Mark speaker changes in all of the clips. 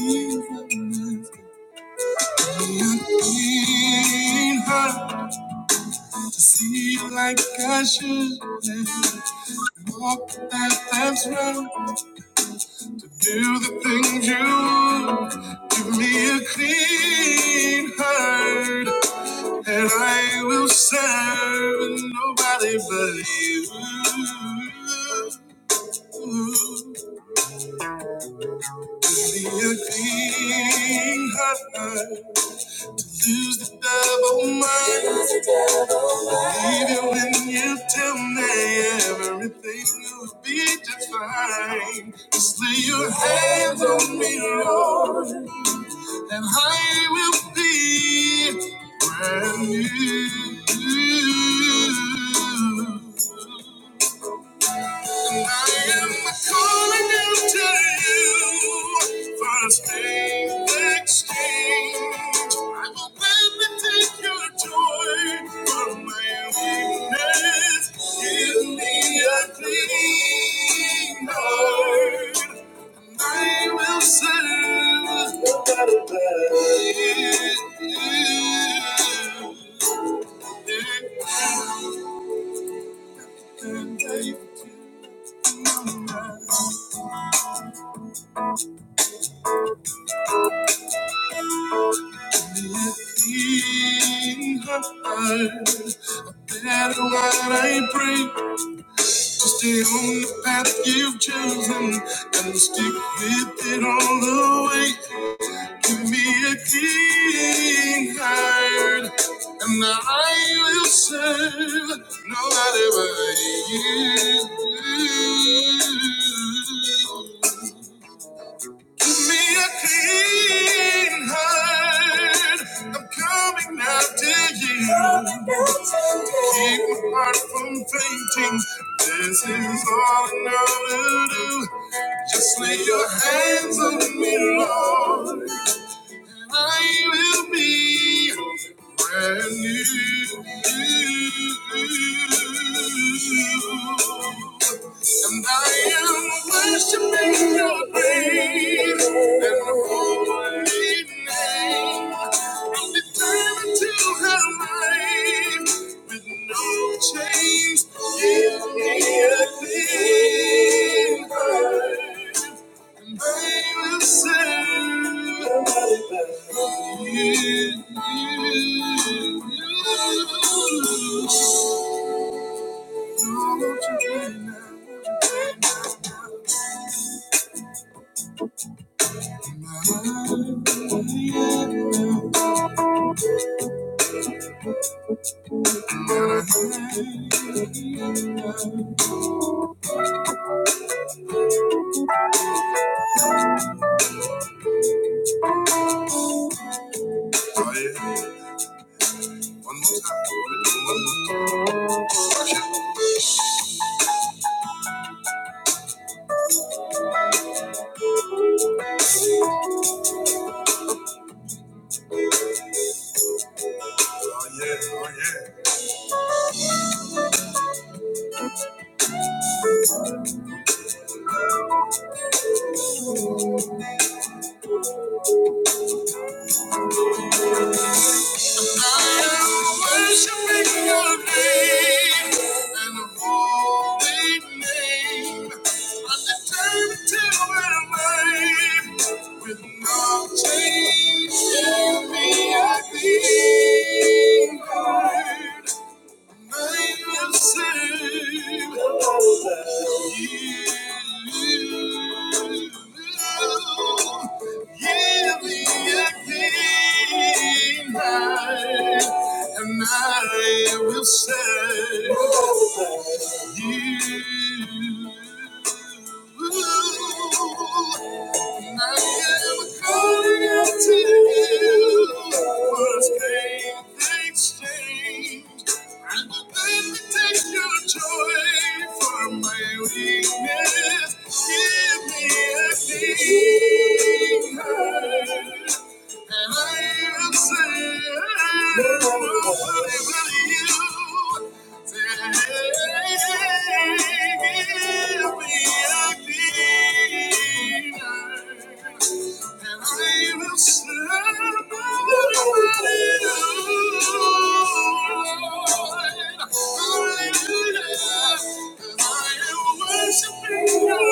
Speaker 1: Ain't hard to see like I should. Walk that life's road, do the things you would. Give me a clean heart, and I will serve nobody but you. Give me a clean heart, lose the double mind. Even when you tell me everything will be defined, just lay your hands on me, Lord, and I will be brand new. I am calling out to you First name exchange. I will gladly take your joy for my weakness. Give me a clean heart. I will serve you. And I will clean heart. That is what I pray. To stay on the path you've chosen and stick with it all the way. Give me a clean heart, and I will serve nobody but you. Give me a clean heart, I'm coming after you. Keep my heart from fainting. This is all I know to do. Just lay your hands on me, Lord. I will be brand new. And I am worshiping your great and holy name. I'm determined to have with no change. Give me a clean heart. and I will serve you. Lord, won't you do it now? Won't you do it now? Oh yeah. One Oh yeah. Oh yeah. your name and the holy name. I determined to win with no change. Give me a beat. And I will say, you weakness. Give me a king and I am saying, nobody but you. Take me a deeper. And I will serve Hallelujah. And I am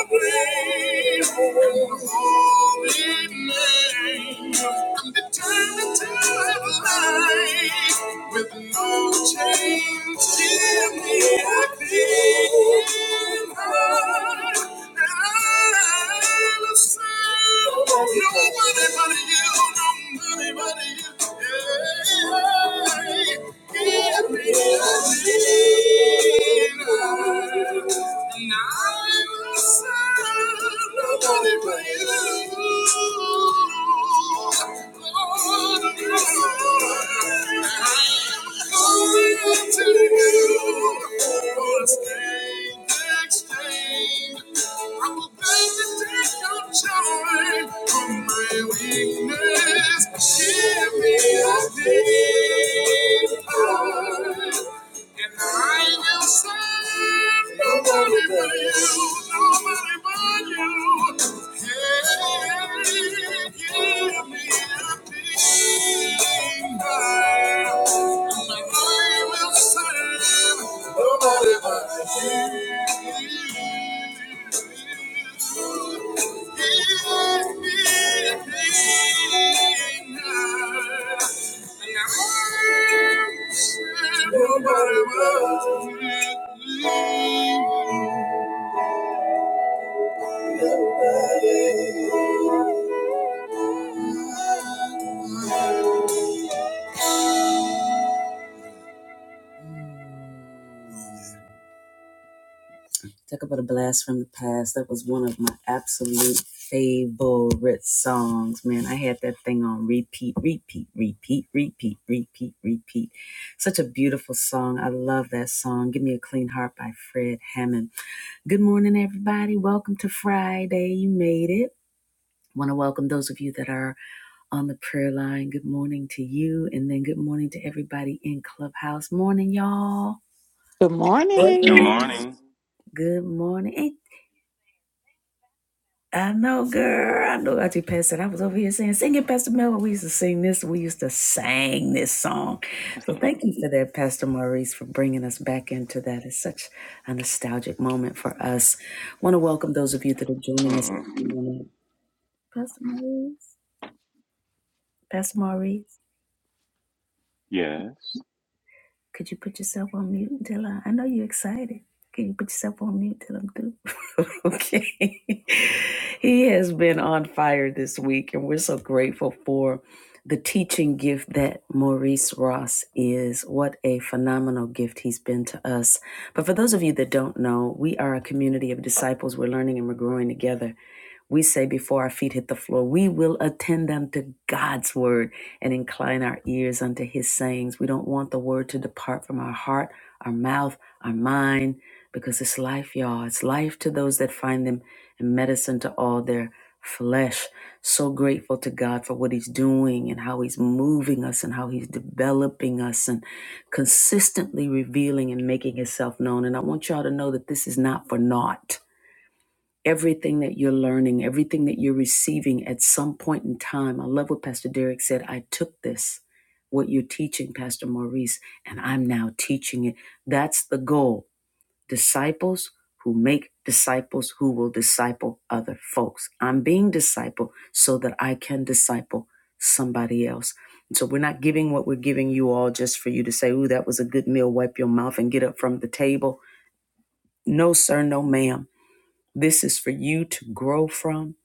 Speaker 1: worshiping your name. Holy name, I'm determined to live a life with no change. Give me a clean heart and a soul. Nobody but you, nobody but you. yeah. Thank you. For a strange exchange. I will beg to take your joy from my weakness. Give me a deep and I will serve nobody but you, nobody but you. Hey, give me a deep and I will serve nobody but you. Thank you. Talk about a blast from the past. That was one of my absolute favorite songs, man. I had that thing on repeat, repeat, repeat, repeat, repeat, repeat. Such a beautiful song. I love that song. Give Me a Clean Heart by Fred Hammond. Good morning, everybody. Welcome to Friday. You made it. Want to welcome those of you that are on the prayer line. Good morning to you, and then good morning to everybody in Clubhouse. Morning, y'all.
Speaker 2: Good
Speaker 3: Good
Speaker 2: morning.
Speaker 4: Welcome.
Speaker 3: morning.
Speaker 1: Good morning. Ain't I know, girl. I know about you, Pastor. I was over here saying, singing Pastor Mel. We used to sing this. We used to sing this song. So thank you for that, Pastor Maurice, for bringing us back into that. It's such a nostalgic moment for us. want to welcome those of you that are joining us.
Speaker 3: Mm-mm.
Speaker 1: Pastor Maurice. Pastor Maurice.
Speaker 3: Yes.
Speaker 1: Could you put yourself on mute, Dilla? I I know you're excited. Can you put yourself on mute till I'm through? okay. he has been on fire this week, and we're so grateful for the teaching gift that Maurice Ross is. What a phenomenal gift he's been to us. But for those of you that don't know, we are a community of disciples. We're learning and we're growing together we say before our feet hit the floor, we will attend them to God's word and incline our ears unto his sayings. We don't want the word to depart from our heart, our mouth, our mind, because it's life, y'all. It's life to those that find them and medicine to all their flesh. So grateful to God for what he's doing and how he's moving us and how he's developing us and consistently revealing and making himself known. And I want y'all to know that this is not for naught everything that you're learning, everything that you're receiving at some point in time. I love what Pastor Derek said. I took this, what you're teaching, Pastor Maurice, and I'm now teaching it. That's the goal. Disciples who make disciples who will disciple other folks. I'm being disciple so that I can disciple somebody else. And so we're not giving what we're giving you all just for you to say, ooh, that was a good meal, wipe your mouth and get up from the table. No, sir, no, ma'am. This is for you to grow from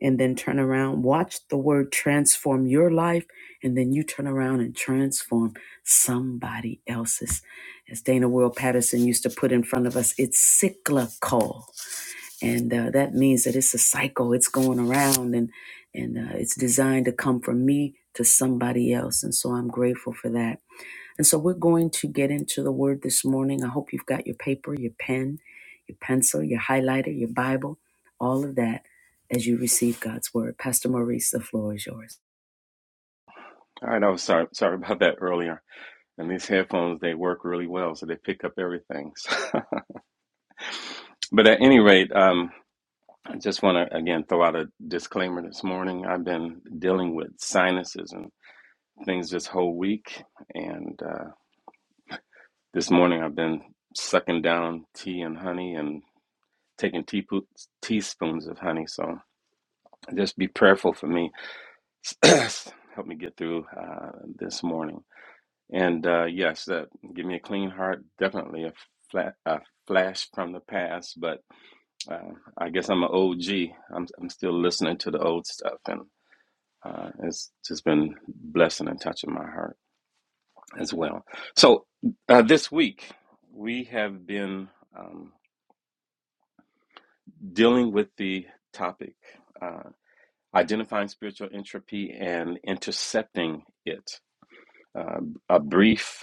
Speaker 1: and then turn around. Watch the word transform your life and then you turn around and transform somebody else's. As Dana World Patterson used to put in front of us, it's cyclical. And uh, that means that it's a cycle, it's going around and, and uh, it's designed to come from me to somebody else. And so I'm grateful for that. And so we're going to get into the word this morning. I hope you've got your paper, your pen, your pencil, your highlighter, your Bible, all of that as you receive God's word. Pastor Maurice, the floor is yours.
Speaker 3: All right. I was sorry. Sorry about that earlier. And these headphones, they work really well, so they pick up everything. So- but at any rate, um, I just want to again throw out a disclaimer this morning. I've been dealing with sinuses and things this whole week, and uh, this morning I've been sucking down tea and honey and taking teapo- teaspoons of honey. So just be prayerful for me. Help me get through uh, this morning. And uh, yes, that give me a clean heart. Definitely a flat a flash from the past, but uh, I guess I'm an OG. I'm I'm still listening to the old stuff, and uh, it's just been blessing and touching my heart as well. So uh, this week we have been um, dealing with the topic uh, identifying spiritual entropy and intercepting it. Uh, a brief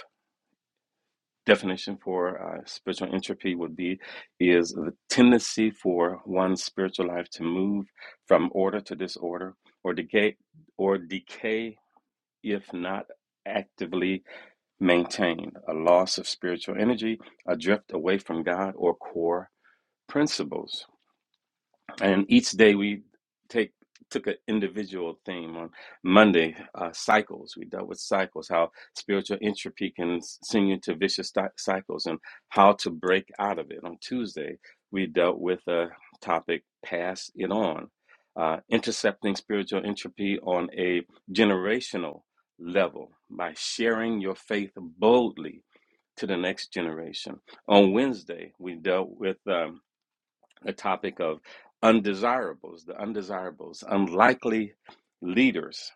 Speaker 3: definition for uh, spiritual entropy would be is the tendency for one's spiritual life to move from order to disorder or decay or decay if not actively maintained a loss of spiritual energy a drift away from god or core principles and each day we take took an individual theme on monday uh, cycles we dealt with cycles how spiritual entropy can s- send you to vicious cy- cycles and how to break out of it on tuesday we dealt with a topic pass it on uh, intercepting spiritual entropy on a generational level by sharing your faith boldly to the next generation on wednesday we dealt with um, a topic of undesirables, the undesirables, unlikely leaders,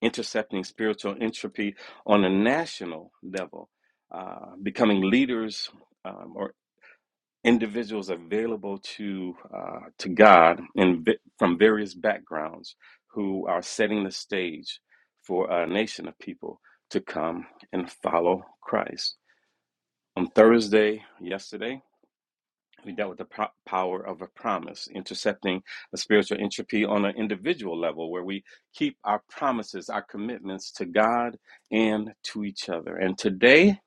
Speaker 3: intercepting spiritual entropy on a national level, uh, becoming leaders um, or individuals available to uh, to God in vi- from various backgrounds who are setting the stage for a nation of people to come and follow Christ. On Thursday, yesterday, we dealt with the po- power of a promise, intercepting a spiritual entropy on an individual level where we keep our promises, our commitments to God and to each other. And today,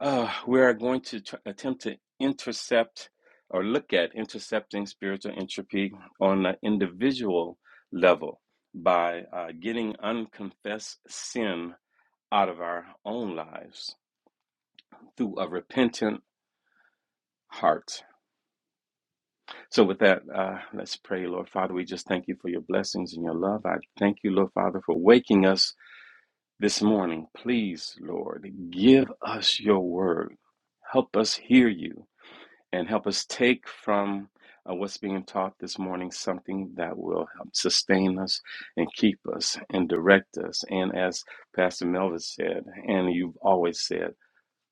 Speaker 3: uh, we are going to tr- attempt to intercept or look at intercepting spiritual entropy on an individual level by uh, getting unconfessed sin out of our own lives through a repentant heart. So, with that, uh, let's pray, Lord Father. We just thank you for your blessings and your love. I thank you, Lord Father, for waking us this morning. Please, Lord, give us your word. Help us hear you and help us take from uh, what's being taught this morning something that will help sustain us and keep us and direct us. And as Pastor Melvin said, and you've always said,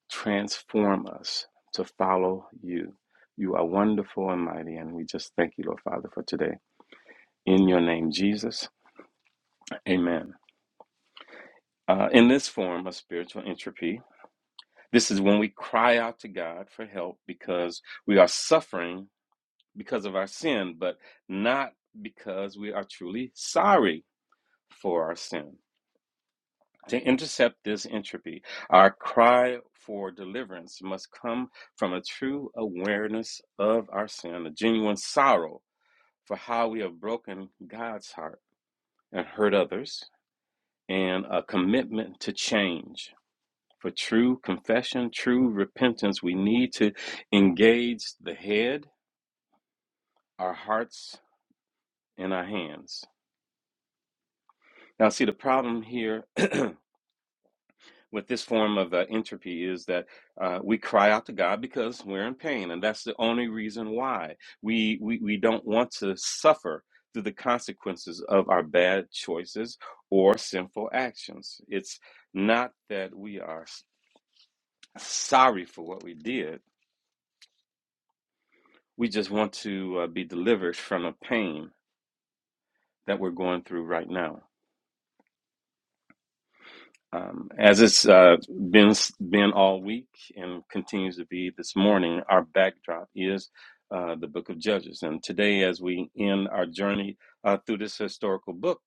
Speaker 3: transform us to follow you. You are wonderful and mighty, and we just thank you, Lord Father, for today. In your name, Jesus, amen. Uh, in this form of spiritual entropy, this is when we cry out to God for help because we are suffering because of our sin, but not because we are truly sorry for our sin. To intercept this entropy, our cry for deliverance must come from a true awareness of our sin, a genuine sorrow for how we have broken God's heart and hurt others, and a commitment to change. For true confession, true repentance, we need to engage the head, our hearts, and our hands. Now, see, the problem here with this form of uh, entropy is that uh, we cry out to God because we're in pain, and that's the only reason why we we, we don't want to suffer through the consequences of our bad choices or sinful actions. It's not that we are s- sorry for what we did; we just want to uh, be delivered from a pain that we're going through right now. Um, as it's uh, been been all week and continues to be this morning, our backdrop is uh, the Book of Judges. And today, as we end our journey uh, through this historical book,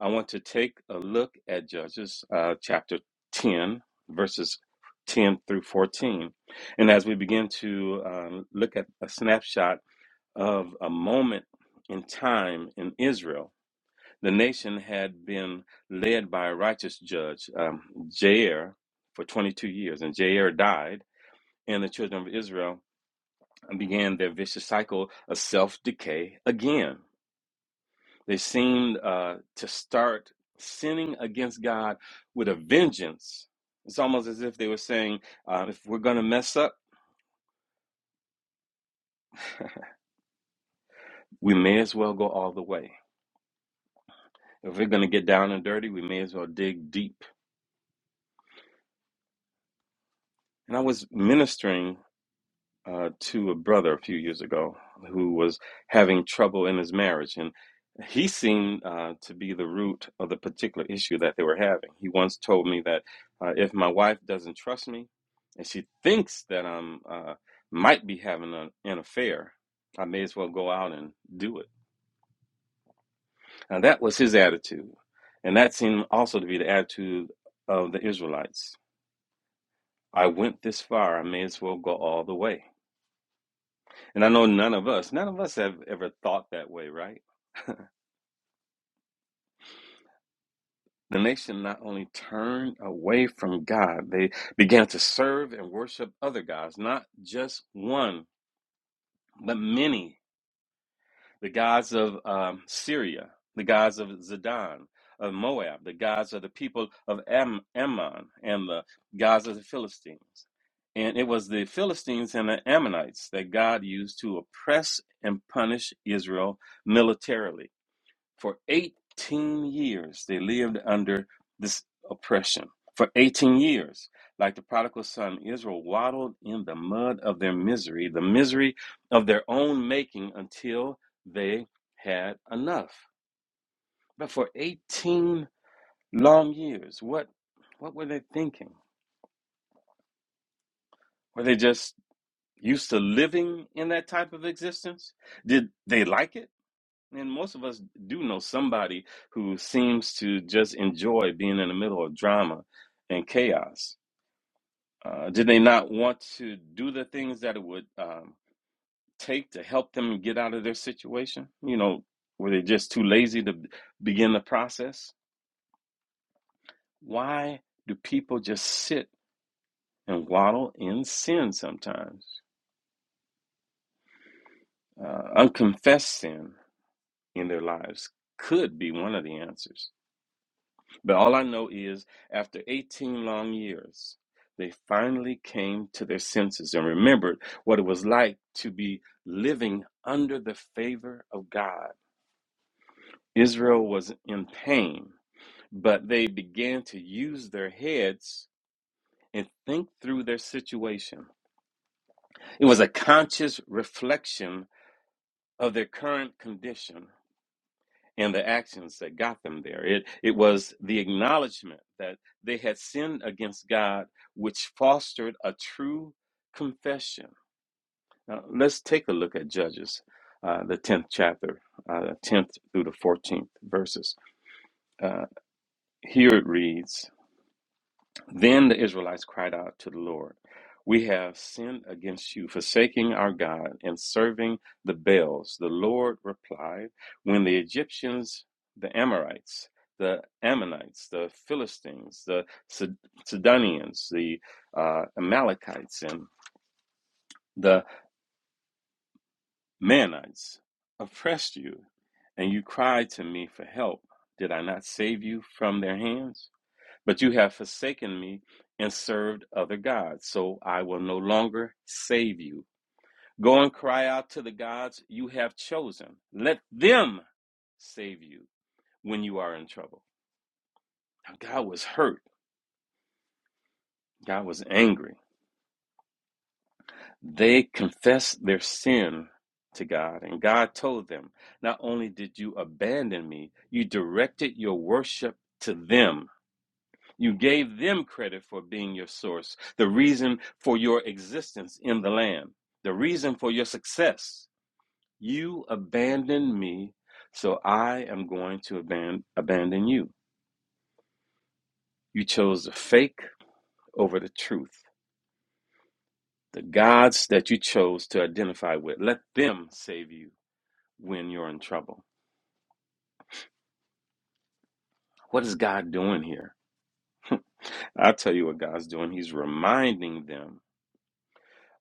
Speaker 3: I want to take a look at Judges uh, chapter ten, verses ten through fourteen. And as we begin to um, look at a snapshot of a moment in time in Israel the nation had been led by a righteous judge, um, Jair, for 22 years, and Jair died, and the children of Israel began their vicious cycle of self decay again. They seemed uh, to start sinning against God with a vengeance. It's almost as if they were saying, uh, if we're going to mess up, we may as well go all the way. If we're going to get down and dirty, we may as well dig deep. And I was ministering uh, to a brother a few years ago who was having trouble in his marriage. And he seemed uh, to be the root of the particular issue that they were having. He once told me that uh, if my wife doesn't trust me and she thinks that I'm uh, might be having an, an affair, I may as well go out and do it. Now, that was his attitude. And that seemed also to be the attitude of the Israelites. I went this far, I may as well go all the way. And I know none of us, none of us have ever thought that way, right? The nation not only turned away from God, they began to serve and worship other gods, not just one, but many. The gods of um, Syria, the gods of Zidon, of Moab, the gods of the people of Am- Ammon, and the gods of the Philistines. And it was the Philistines and the Ammonites that God used to oppress and punish Israel militarily. For 18 years, they lived under this oppression. For 18 years, like the prodigal son, Israel waddled in the mud of their misery, the misery of their own making, until they had enough. But for 18 long years, what, what were they thinking? Were they just used to living in that type of existence? Did they like it? And most of us do know somebody who seems to just enjoy being in the middle of drama and chaos. Uh, did they not want to do the things that it would um, take to help them get out of their situation? You know, were they just too lazy to begin the process? Why do people just sit and waddle in sin sometimes? Uh, unconfessed sin in their lives could be one of the answers. But all I know is, after 18 long years, they finally came to their senses and remembered what it was like to be living under the favor of God. Israel was in pain, but they began to use their heads and think through their situation. It was a conscious reflection of their current condition and the actions that got them there. It it was the acknowledgement that they had sinned against God, which fostered a true confession. Now, let's take a look at Judges, uh, the tenth chapter, uh, tenth through the fourteenth verses. Uh, here it reads. Then the Israelites cried out to the Lord, We have sinned against you, forsaking our God and serving the Baals. The Lord replied, When the Egyptians, the Amorites, the Ammonites, the Philistines, the Sidonians, the uh, Amalekites, and the Manites oppressed you, and you cried to me for help, did I not save you from their hands? But you have forsaken me and served other gods, so I will no longer save you. Go and cry out to the gods you have chosen. Let them save you when you are in trouble. Now, God was hurt, God was angry. They confessed their sin to God, and God told them, Not only did you abandon me, you directed your worship to them You gave them credit for being your source, the reason for your existence in the land, the reason for your success. You abandoned me, so I am going to aban- abandon you. You chose the fake over the truth. The gods that you chose to identify with, let them save you when you're in trouble. What is God doing here? I'll tell you what God's doing. He's reminding them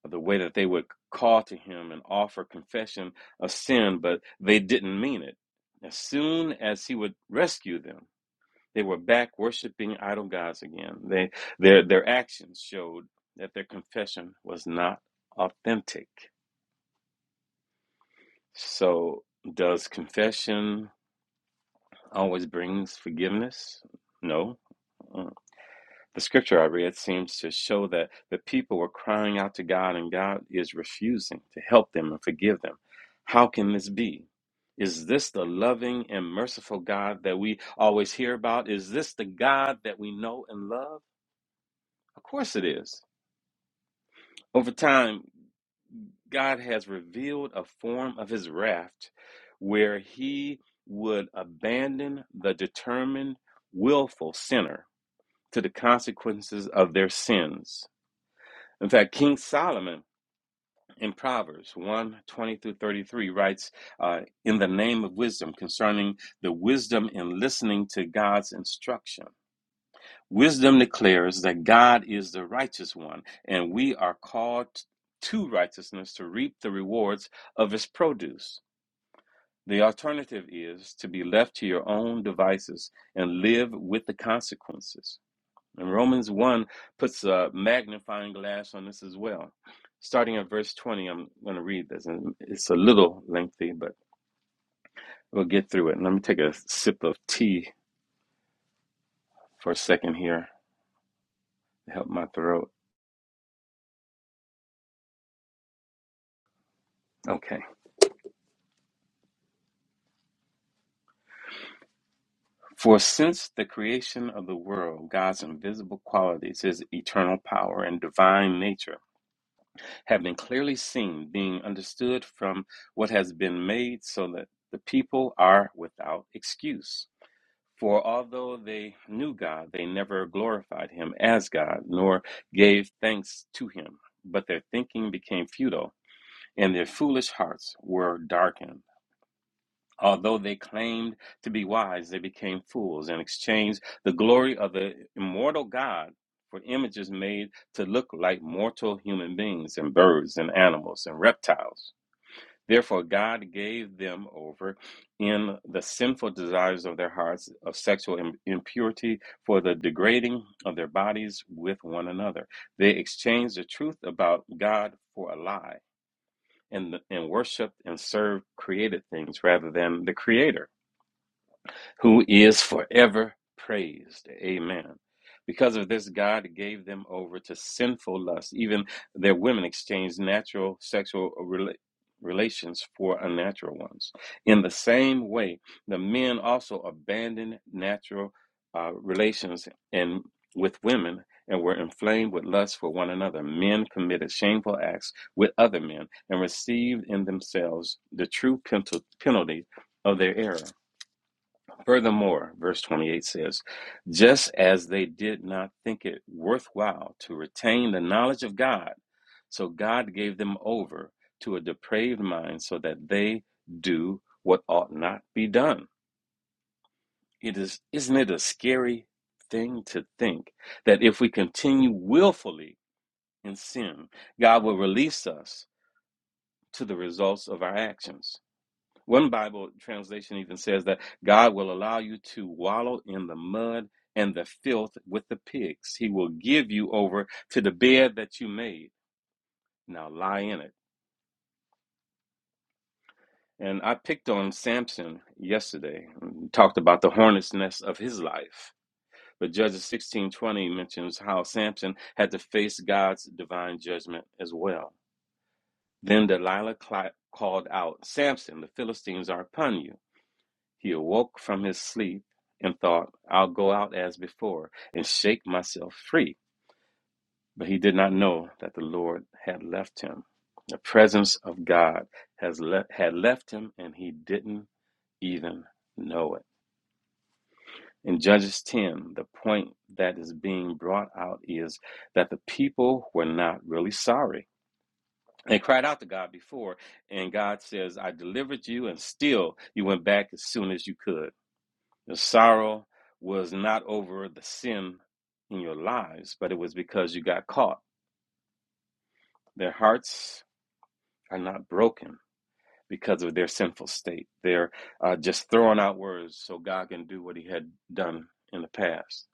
Speaker 3: the way that they would call to him and offer confession of sin, but they didn't mean it. As soon as he would rescue them, they were back worshiping idol gods again. They, their, their actions showed that their confession was not authentic. So, does confession always brings forgiveness? No. Uh, The scripture I read seems to show that the people were crying out to God and God is refusing to help them and forgive them. How can this be? Is this the loving and merciful God that we always hear about? Is this the God that we know and love? Of course it is. Over time, God has revealed a form of his wrath where he would abandon the determined, willful sinner to the consequences of their sins In fact, King Solomon in Proverbs one 20 through 33 writes, uh, In the name of wisdom, concerning the wisdom in listening to God's instruction. Wisdom declares that God is the righteous one, and we are called to righteousness to reap the rewards of his produce. The alternative is to be left to your own devices and live with the consequences. And Romans 1 puts a magnifying glass on this as well. Starting at verse 20, I'm going to read this. And it's a little lengthy, but we'll get through it. And let me take a sip of tea for a second here to help my throat. Okay. For since the creation of the world, God's invisible qualities, his eternal power and divine nature, have been clearly seen, being understood from what has been made, so that the people are without excuse. For although they knew God, they never glorified him as God, nor gave thanks to him. But their thinking became futile, and their foolish hearts were darkened. Although they claimed to be wise, they became fools and exchanged the glory of the immortal God for images made to look like mortal human beings and birds and animals and reptiles. Therefore, God gave them over in the sinful desires of their hearts of sexual im- impurity for the degrading of their bodies with one another. They exchanged the truth about God for a lie and, and worshiped and served created things rather than the Creator who is forever praised. Amen. Because of this, God gave them over to sinful lust. Even their women exchanged natural sexual rela- relations for unnatural ones. In the same way, the men also abandoned natural uh, relations and with women and were inflamed with lust for one another. Men committed shameful acts with other men and received in themselves the true penalty of their error. Furthermore, verse 28 says, just as they did not think it worthwhile to retain the knowledge of God, so God gave them over to a depraved mind so that they do what ought not be done. It is, isn't it a scary thing to think that if we continue willfully in sin, God will release us to the results of our actions? One Bible translation even says that God will allow you to wallow in the mud and the filth with the pigs. He will give you over to the bed that you made. Now lie in it. And I picked on Samson yesterday, and talked about the hornet's nest of his life. But Judges 16:20 mentions how Samson had to face God's divine judgment as well. Then Delilah called out, "Samson, the Philistines are upon you." He awoke from his sleep and thought, I'll go out as before and shake myself free. But he did not know that the Lord had left him. The presence of God has le- had left him, and he didn't even know it. In Judges 10, the point that is being brought out is that the people were not really sorry. They cried out to God before, and God says, I delivered you, and still you went back as soon as you could. Your sorrow was not over the sin in your lives, but it was because you got caught. Their hearts are not broken because of their sinful state. They're uh, just throwing out words so God can do what He had done in the past.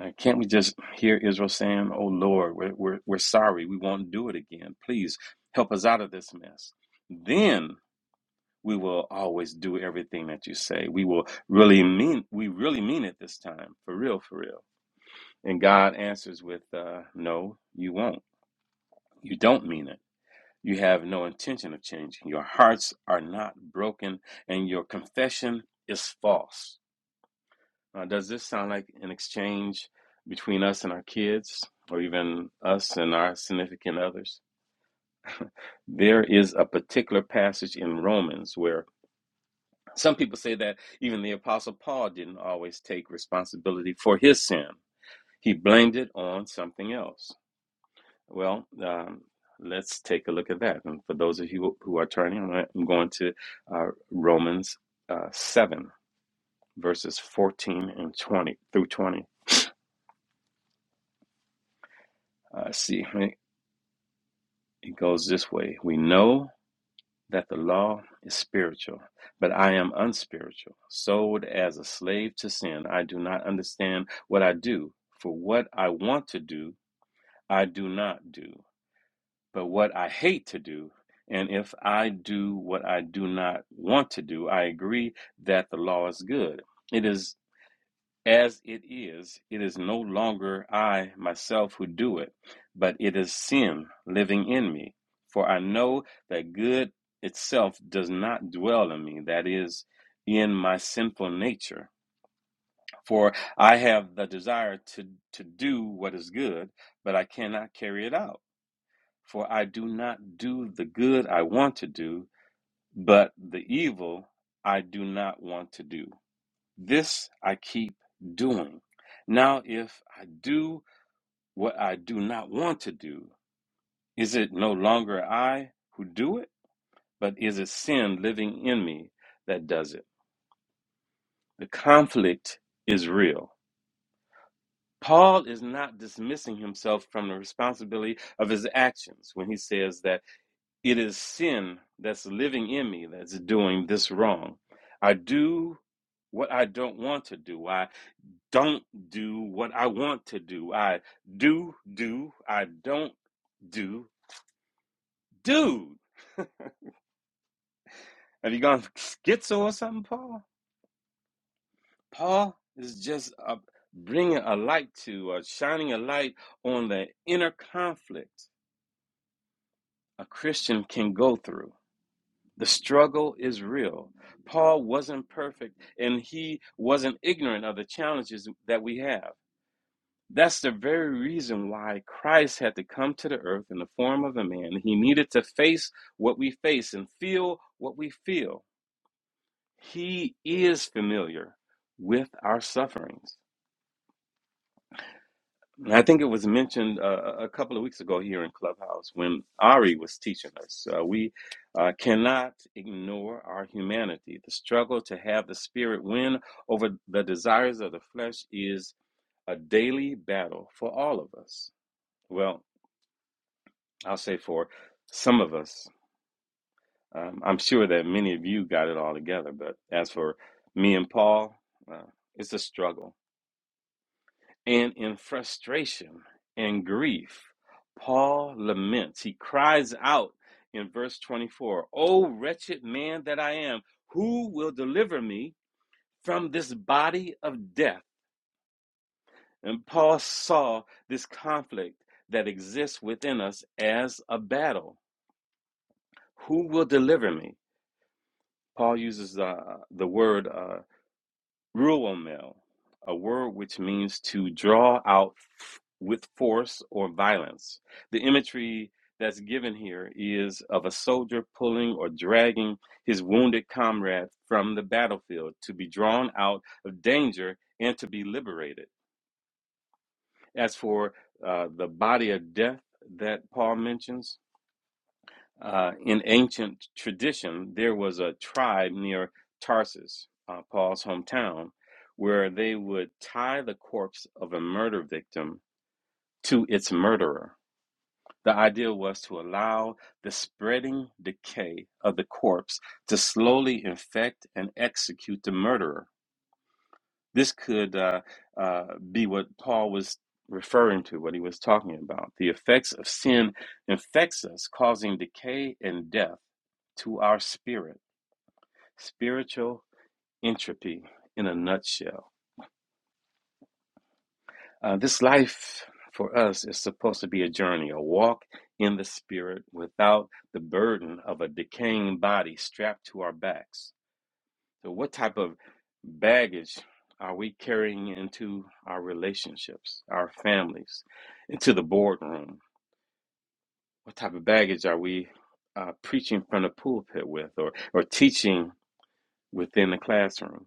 Speaker 3: Uh, can't we just hear Israel saying, Oh Lord, we're, we're, we're sorry. We won't do it again. Please help us out of this mess. Then we will always do everything that you say. We will really mean, we really mean it this time, for real, for real. And God answers with, uh, No, you won't. You don't mean it. You have no intention of changing. Your hearts are not broken, and your confession is false. Uh, does this sound like an exchange between us and our kids, or even us and our significant others? There is a particular passage in Romans where some people say that even the Apostle Paul didn't always take responsibility for his sin, he blamed it on something else. Well, um, let's take a look at that. And for those of you who are turning, I'm gonna- uh, Romans uh, 7, verses 14 and 20 through 20. Uh, see, it goes this way We know that the law is spiritual, but I am unspiritual, sold as a slave to sin. I do not understand what I do, for what I want to do, I do not do But what I hate to do, and if I do what I do not want to do, I agree that the law is good. It is as it is, it is no longer I myself who do it, but it is sin living in me. For I know that good itself does not dwell in me, that is, in my sinful nature. For I have the desire to, to do what is good, but I cannot carry it out. For I do not do the good I want to do, but the evil I do not want to do. This I keep doing. Now, if I do what I do not want to do, is it no longer I who do it, but is it sin living in me that does it? The conflict is real. Paul is not dismissing himself from the responsibility of his actions when he says that It is sin that's living in me that's doing this wrong. I do what I don't want to do. I don't do what I want to do. I do, do, I don't do, do. Have you gone schizo or something, Paul? Paul is just uh, bringing a light to, or shining a light on the inner conflict a Christian can go through. The struggle is real. Paul wasn't perfect and he wasn't ignorant of the challenges that we have. That's the very reason why Christ had to come to the earth in the form of a man. He needed to face what we face and feel what we feel. He is familiar with our sufferings. And I think it was mentioned uh, a couple of weeks ago here in Clubhouse when Ari was teaching us. Uh, we uh, cannot ignore our humanity. The struggle to have the spirit win over the desires of the flesh is a daily battle for all of us. Well, I'll say for some of us. Um, I'm sure that many of you got it all together, but as for me and Paul, uh, it's a struggle And in frustration and grief, Paul laments. He cries out in verse twenty-four: "O wretched man that I am, who will deliver me from this body of death? And Paul saw this conflict that exists within us as a battle. Who will deliver me? Paul uses uh, the word uh, Ruomel, a word which means to draw out f- with force or violence. The imagery that's given here is of a soldier pulling or dragging his wounded comrade from the battlefield to be drawn out of danger and to be liberated. As for uh, the body of death that Paul mentions, uh, in ancient tradition, there was a tribe near Tarsus, uh, Paul's hometown, where they would tie the corpse of a murder victim to its murderer. The idea was to allow the spreading decay of the corpse to slowly infect and execute the murderer. This could uh, uh, be what Paul was referring to, what he was talking about. The effects of sin infects us, causing decay and death to our spirit. Spiritual entropy in a nutshell. Uh, this life for us is supposed to be a journey, a walk in the spirit without the burden of a decaying body strapped to our backs So, what type of baggage are we carrying into our relationships, our families, into the boardroom? What type of baggage are we uh, preaching from the pulpit with or, or teaching within the classroom?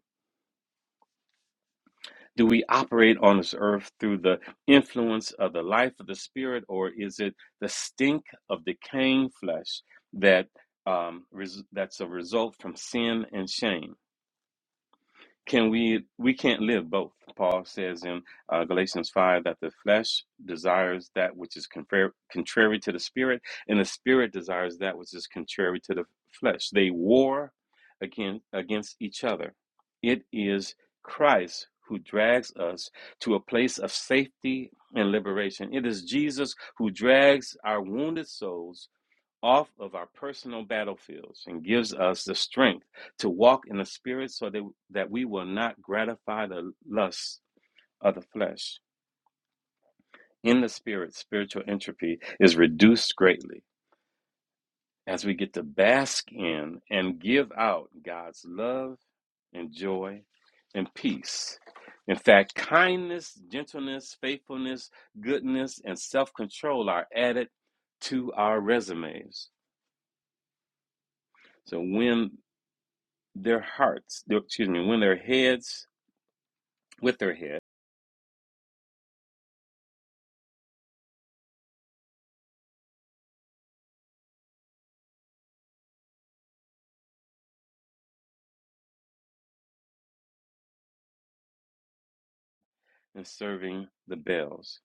Speaker 3: Do we operate on this earth through the influence of the life of the spirit, or is it the stink of decaying flesh that um, res- that's a result from sin and shame? can we we can't live both paul says in uh, galatians 5 that the flesh desires that which is confer- contrary to the spirit and the spirit desires that which is contrary to the flesh they war against against each other it is christ who drags us to a place of safety and liberation it is jesus who drags our wounded souls off of our personal battlefields and gives us the strength to walk in the spirit so that, that we will not gratify the lusts of the flesh. In the spirit, spiritual entropy is reduced greatly as we get to bask in and give out God's love and joy and peace. In fact, kindness, gentleness, faithfulness, goodness, and self control are added to our resumes. So when their hearts, their- excuse me, when their heads with their head and serving the bells.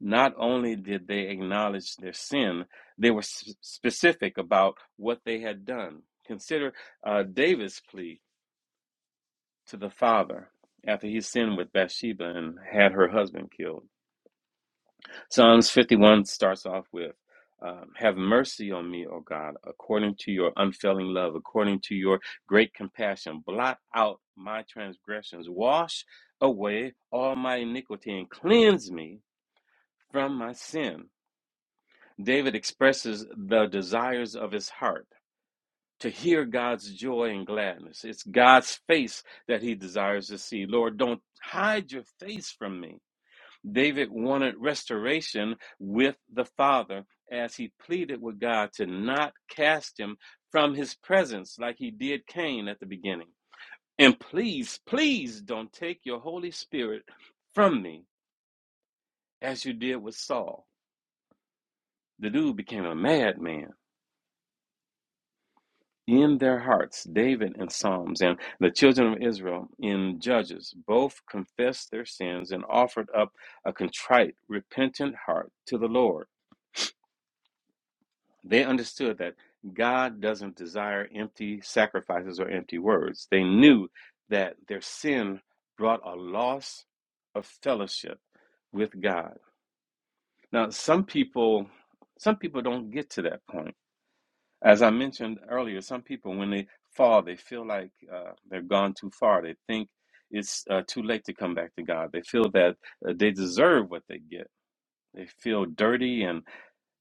Speaker 3: Not only did they acknowledge their sin, they were s- specific about what they had done. Consider uh, David's plea to the father after he sinned with Bathsheba and had her husband killed. Psalms 51 starts off with um, Have mercy on me, O God, according to your unfailing love, according to your great compassion. Blot out my transgressions, wash away all my iniquity, and cleanse me from my sin. David expresses the desires of his heart. To hear God's joy and gladness. It's God's face that he desires to see. Lord, don't hide your face from me David wanted restoration with the Father as he pleaded with God to not cast him from his presence like he did Cain at the beginning. And please, please don't take your Holy Spirit from me as you did with Saul. The dude became a madman in their hearts. David in Psalms and the children of Israel in Judges both confessed their sins and offered up a contrite, repentant heart to the Lord. They understood that God doesn't desire empty sacrifices or empty words. They knew that their sin brought a loss of fellowship with God. Now, some people some people don't get to that point. As I mentioned earlier, some people when they fall, they feel like uh, they've gone too far. They think it's uh, too late to come back to God. They feel that uh, they deserve what they get. They feel dirty and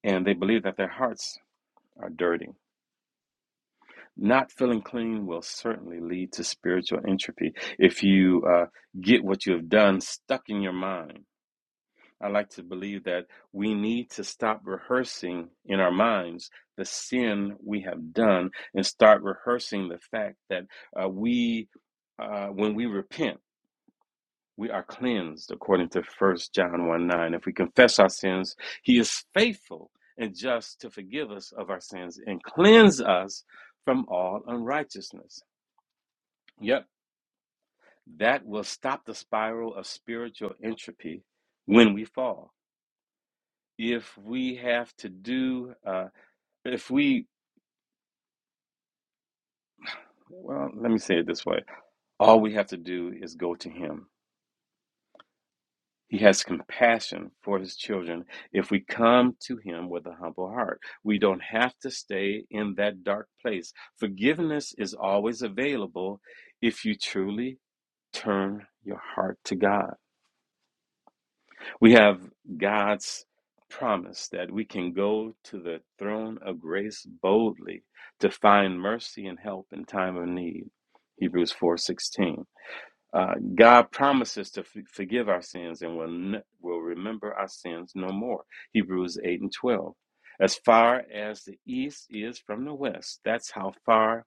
Speaker 3: and they believe that their hearts are dirty. Not feeling clean will certainly lead to spiritual entropy if you uh, get what you have done stuck in your mind. I like to believe that we need to stop rehearsing in our minds the sin we have done and start rehearsing the fact that uh, we, uh, when we repent, we are cleansed according to First John 1 9. If we confess our sins, he is faithful and just to forgive us of our sins and cleanse us from all unrighteousness. Yep. That will stop the spiral of spiritual entropy when we fall. If we have to do, uh, if we, well, let me say it this way all we have to do is go to Him. He has compassion for His children if we come to Him with a humble heart. We don't have to stay in that dark place. Forgiveness is always available if you truly turn your heart to God. We have God's promise that we can go to the throne of grace boldly to find mercy and help in time of need. Hebrews 4:16. Uh, God promises to f- forgive our sins and will n- will remember our sins no more. Hebrews 8 and 12. As far as the east is from the west, that's how far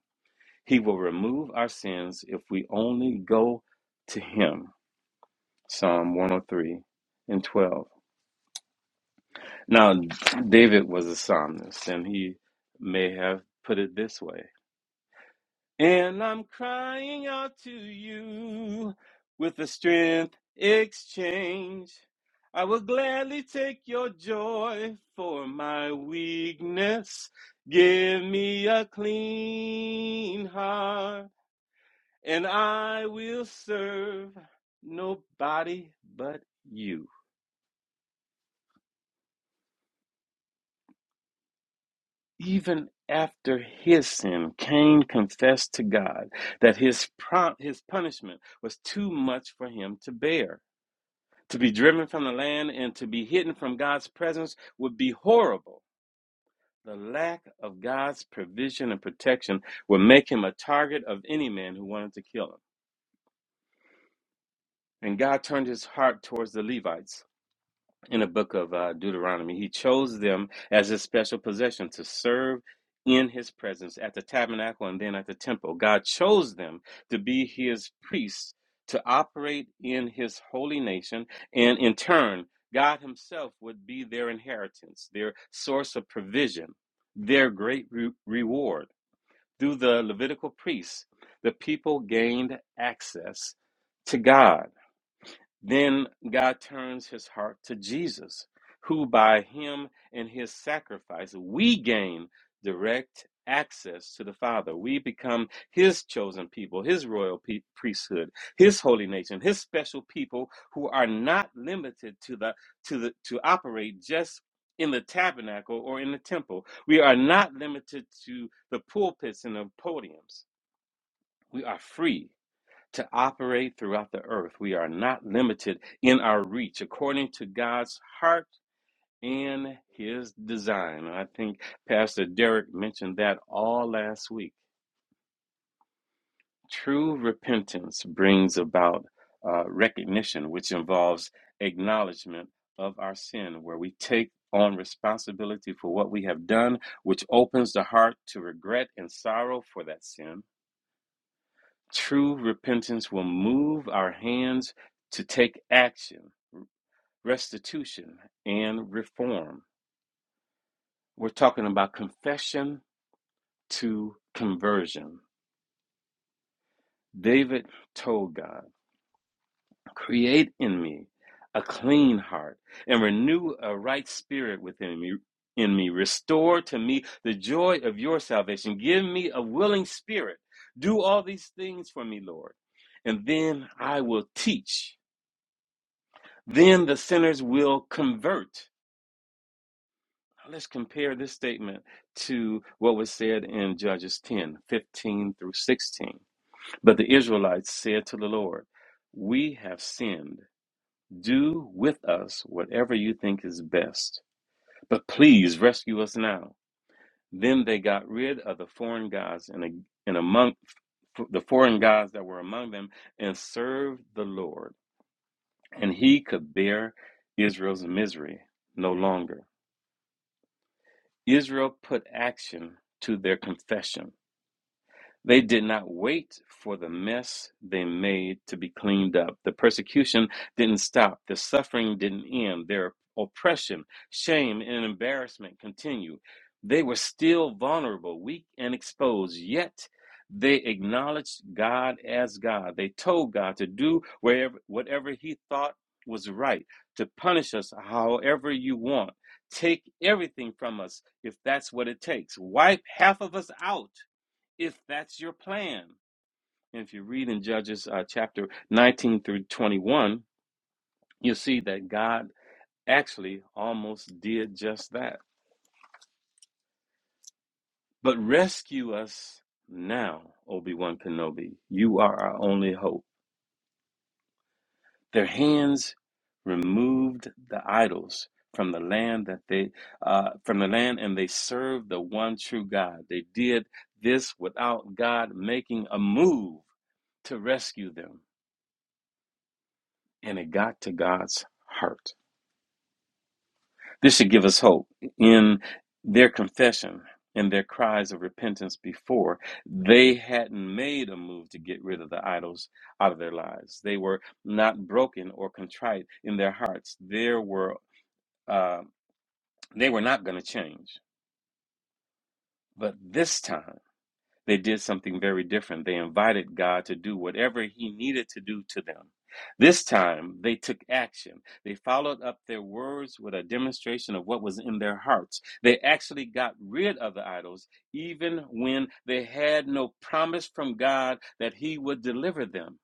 Speaker 3: he will remove our sins if we only go to him. Psalm 103 and 12. Now, David was a psalmist, and he may have put it this way And I'm crying out to you with a strength exchange. I will gladly take your joy for my weakness. Give me a clean heart, and I will serve nobody but you. Even after his sin, Cain confessed to God that his, pro- his punishment was too much for him to bear. To be driven from the land and to be hidden from God's presence would be horrible. The lack of God's provision and protection would make him a target of any man who wanted to kill him. And God turned his heart towards the Levites in the book of uh, Deuteronomy. He chose them as his special possession to serve in his presence at the tabernacle and then at the temple. God chose them to be his priests to operate in his holy nation, and in turn, God himself would be their inheritance, their source of provision, their great re- reward. Through the Levitical priests, the people gained access to God then God turns his heart to Jesus, who by him and his sacrifice we gain direct access to the Father. We become his chosen people, his royal pe- priesthood, his holy nation, his special people who are not limited to the to the to operate just in the tabernacle or in the temple. We are not limited to the pulpits and the podiums. We are free to operate throughout the earth. We are not limited in our reach according to God's heart and his design. And I think Pastor Derek mentioned that all last week. True repentance brings about uh, recognition, which involves acknowledgement of our sin, where we take on responsibility for what we have done, which opens the heart to regret and sorrow for that sin. True repentance will move our hands to take action restitution, and reform. We're talking about confession to conversion. David told God, Create in me a clean heart and renew a right spirit within me. In me, restore to me the joy of your salvation. Give me a willing spirit. Do all these things for me, Lord. And then I will teach. Then the sinners will convert Let's compare this statement to what was said in Judges 10 15 through 16. But the Israelites said to the Lord, We have sinned. Do with us whatever you think is best, but please rescue us now. Then they got rid of the foreign gods and, and among the foreign gods that were among them and served the Lord, and he could bear Israel's misery no longer. Israel put action to their confession. They did not wait for the mess they made to be cleaned up. The persecution didn't stop. The suffering didn't end. Their oppression, shame, and embarrassment continued. They were still vulnerable, weak, and exposed, yet they acknowledged God as God. They told God to do wherever, whatever He thought was right, to punish us however you want. Take everything from us if that's what it takes. Wipe half of us out if that's your plan. And If you read in Judges uh, chapter 19 through 21, you'll see that God actually almost did just that. But rescue us now, Obi Wan Kenobi. You are our only hope. Their hands removed the idols from the land that they uh, from the land and they served the one true God. They did this without God making a move to rescue them, and it got to God's heart This should give us hope. In their confession and their cries of repentance before, they hadn't made a move to get rid of the idols out of their lives. They were not broken or contrite in their hearts. There were uh, they were not going to change. But this time. They did something very different. They invited God to do whatever He needed to do to them. This time, they took action. They followed up their words with a demonstration of what was in their hearts. They actually got rid of the idols, even when they had no promise from God that He would deliver them.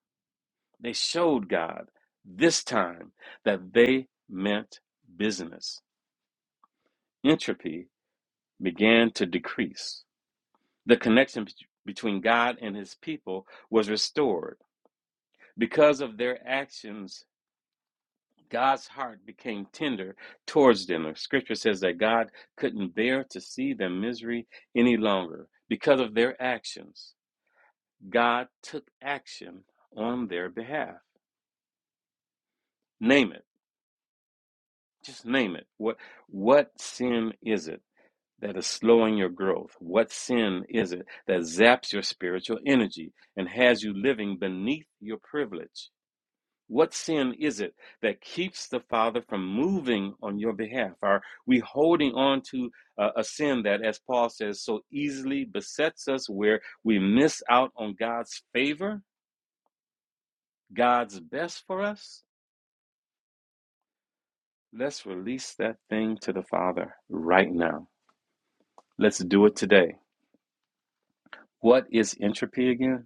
Speaker 3: They showed God this time that they meant business. Entropy began to decrease the connection between God and his people was restored. Because of their actions, God's heart became tender towards them. The scripture says that God couldn't bear to see their misery any longer. Because of their actions, God took action on their behalf. Name it. Just name it. What what sin is it that is slowing your growth? What sin is it that zaps your spiritual energy and has you living beneath your privilege? What sin is it that keeps the Father from moving on your behalf? Are we holding on to uh, a sin that, as Paul says, so easily besets us where we miss out on God's favor, God's best for us? Let's release that thing to the Father right now. Let's do it today. What is entropy again?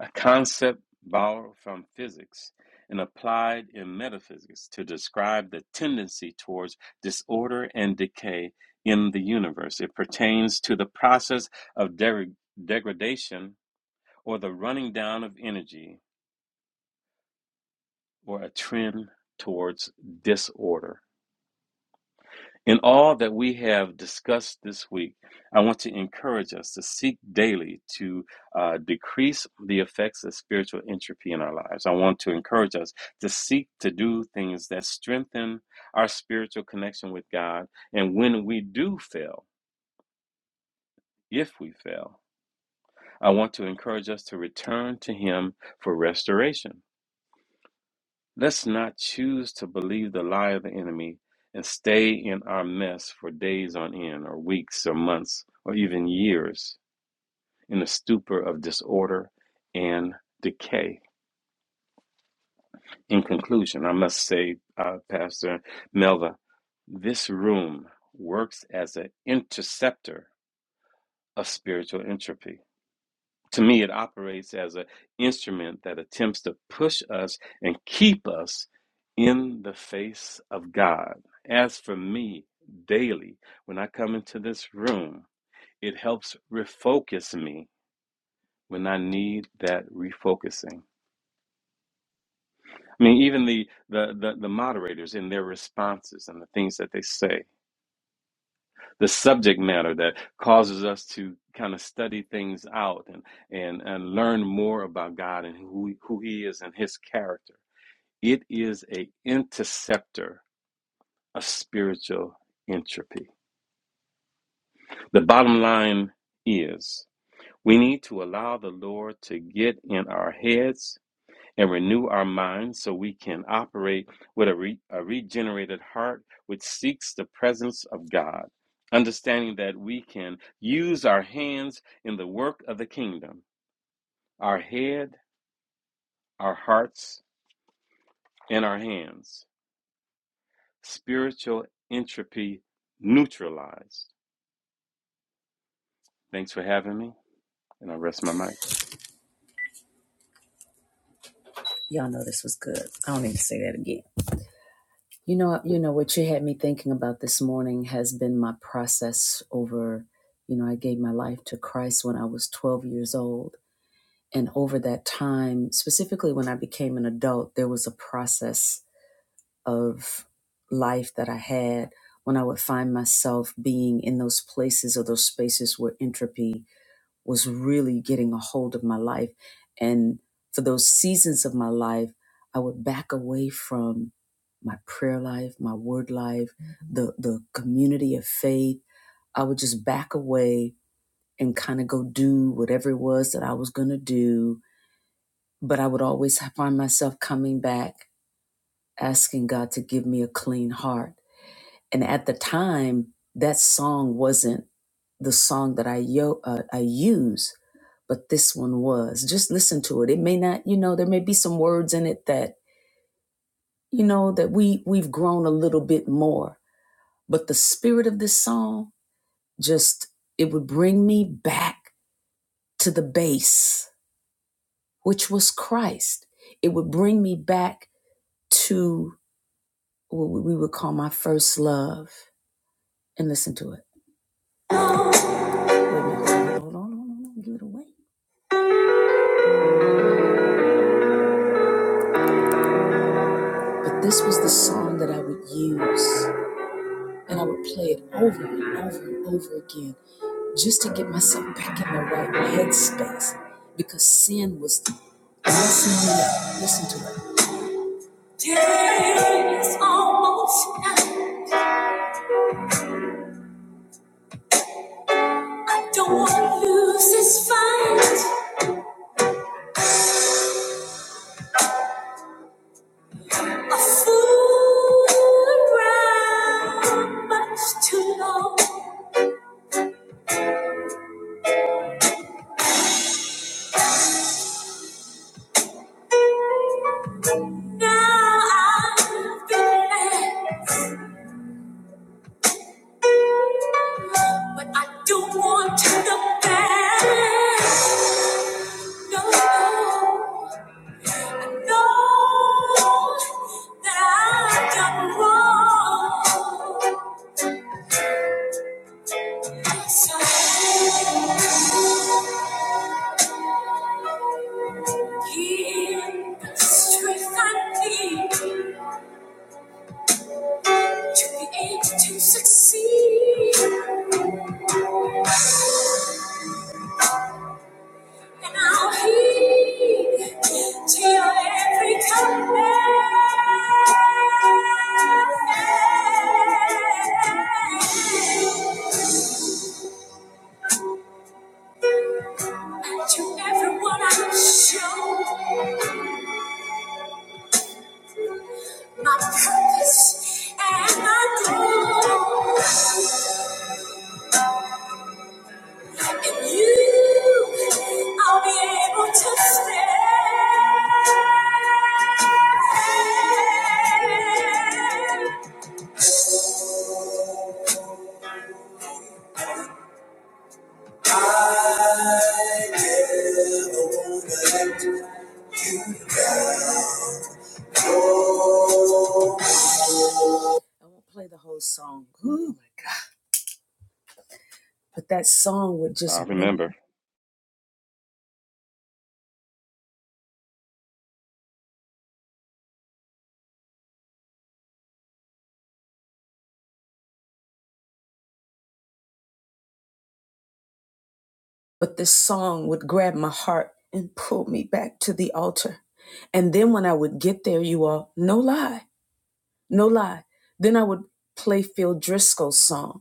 Speaker 3: a concept borrowed from physics and applied in metaphysics to describe the tendency towards disorder and decay in the universe. It pertains to the process of deg- degradation or the running down of energy or a trend towards disorder. In all that we have discussed this week, I want to encourage us to seek daily to uh, decrease the effects of spiritual entropy in our lives. I want to encourage us to seek to do things that strengthen our spiritual connection with God. And when we do fail, if we fail, I want to encourage us to return to Him for restoration. Let's not choose to believe the lie of the enemy and stay in our mess for days on end, or weeks, or months, or even years in a stupor of disorder and decay. In conclusion, I must say, uh, Pastor Melva, this room works as an interceptor of spiritual entropy. to me it operates as an instrument that attempts to push us and keep us in the face of god as for me daily when i come into this room it helps refocus me when i need that refocusing i mean even the the the, the moderators in their responses and the things that they say the subject matter that causes us to kind of study things out and and and learn more about God and who who he is and his character. It is a interceptor of spiritual entropy. The bottom line is we need to allow the Lord to get in our heads and renew our minds so we can operate with a, re- a regenerated heart which seeks the presence of God, understanding that we can use our hands in the work of the kingdom our head, our hearts, and our hands. Spiritual entropy neutralized. Thanks for having me, and I rest my mic.
Speaker 1: Y'all know this was good. I don't need to say that again. You know, you know what you had me thinking about this morning has been my process over, you know, I gave my life to Christ when I was 12 years old. And over that time, specifically when I became an adult, there was a process of life that I had when I would find myself being in those places or those spaces where entropy was really getting a hold of my life. And for those seasons of my life, I would back away from my prayer life, my word life, the, the community of faith. I would just back away and kind of go do whatever it was that I was going to do. But I would always find myself coming back, asking God to give me a clean heart and at the time, that song wasn't the song that I yo uh, I use, but this one was. Just listen to it. It may not, you know, there may be some words in it that you know that we we've grown a little bit more, but the spirit of this song just it would bring me back to the base, which was Christ. It would bring me back to what we would call my first love. And listen to it. Wait a minute. Hold on, hold on, hold on. Give it away. But this was the song that I would use, and I would play it over and over and over again just to get myself back in the right headspace because sin was messing me up. Listen to it. I don't want to lose this fight. A fool around much too long. Now I've been led, but I don't want to look back. No, no. know that I've done wrong. So give the strength I need to be able to succeed. And I'll heed to your every command. And to everyone I show. my purpose and my goal. And you, I'll be able to stand. I won't play the whole song. Ooh, my God. But that song would
Speaker 3: I
Speaker 1: just,
Speaker 3: remember.
Speaker 1: but this song would grab my heart and pull me back to the altar. And then when I would get there, you all, no lie, no lie, then I would play Phil Driscoll's song.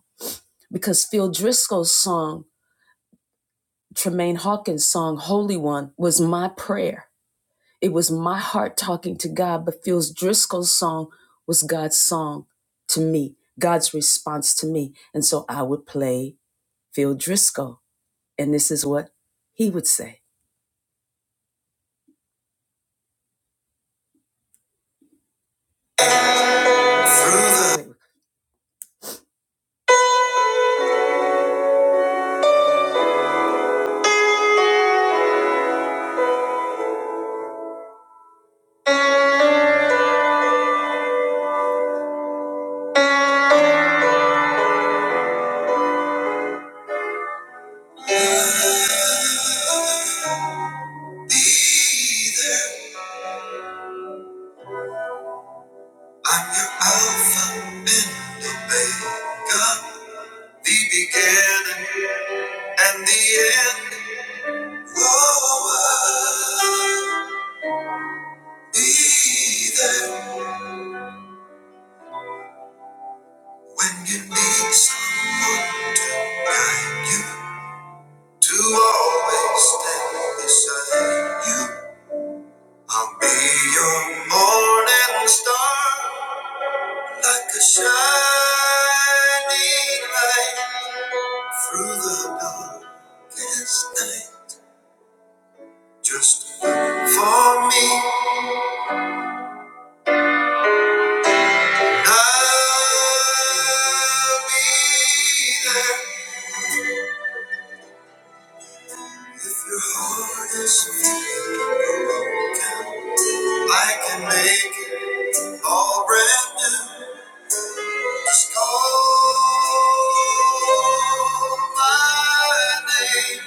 Speaker 1: because Phil Driscoll's song, Tremaine Hawkins' song, Holy One, was my prayer. It was my heart talking to God, but Phil Driscoll's song was God's song to me, God's response to me. And so I would play Phil Driscoll, and this is what he would say. be there. I'm your Alpha and Omega, the beginning and the end. Whoa, Be there when you need someone to guide you, to always stand beside you. I'll be your morning star, like a shining light through the darkest night. Just look for me, I'll be there. If your heart is feeling I can make it all brand new. Just call my name.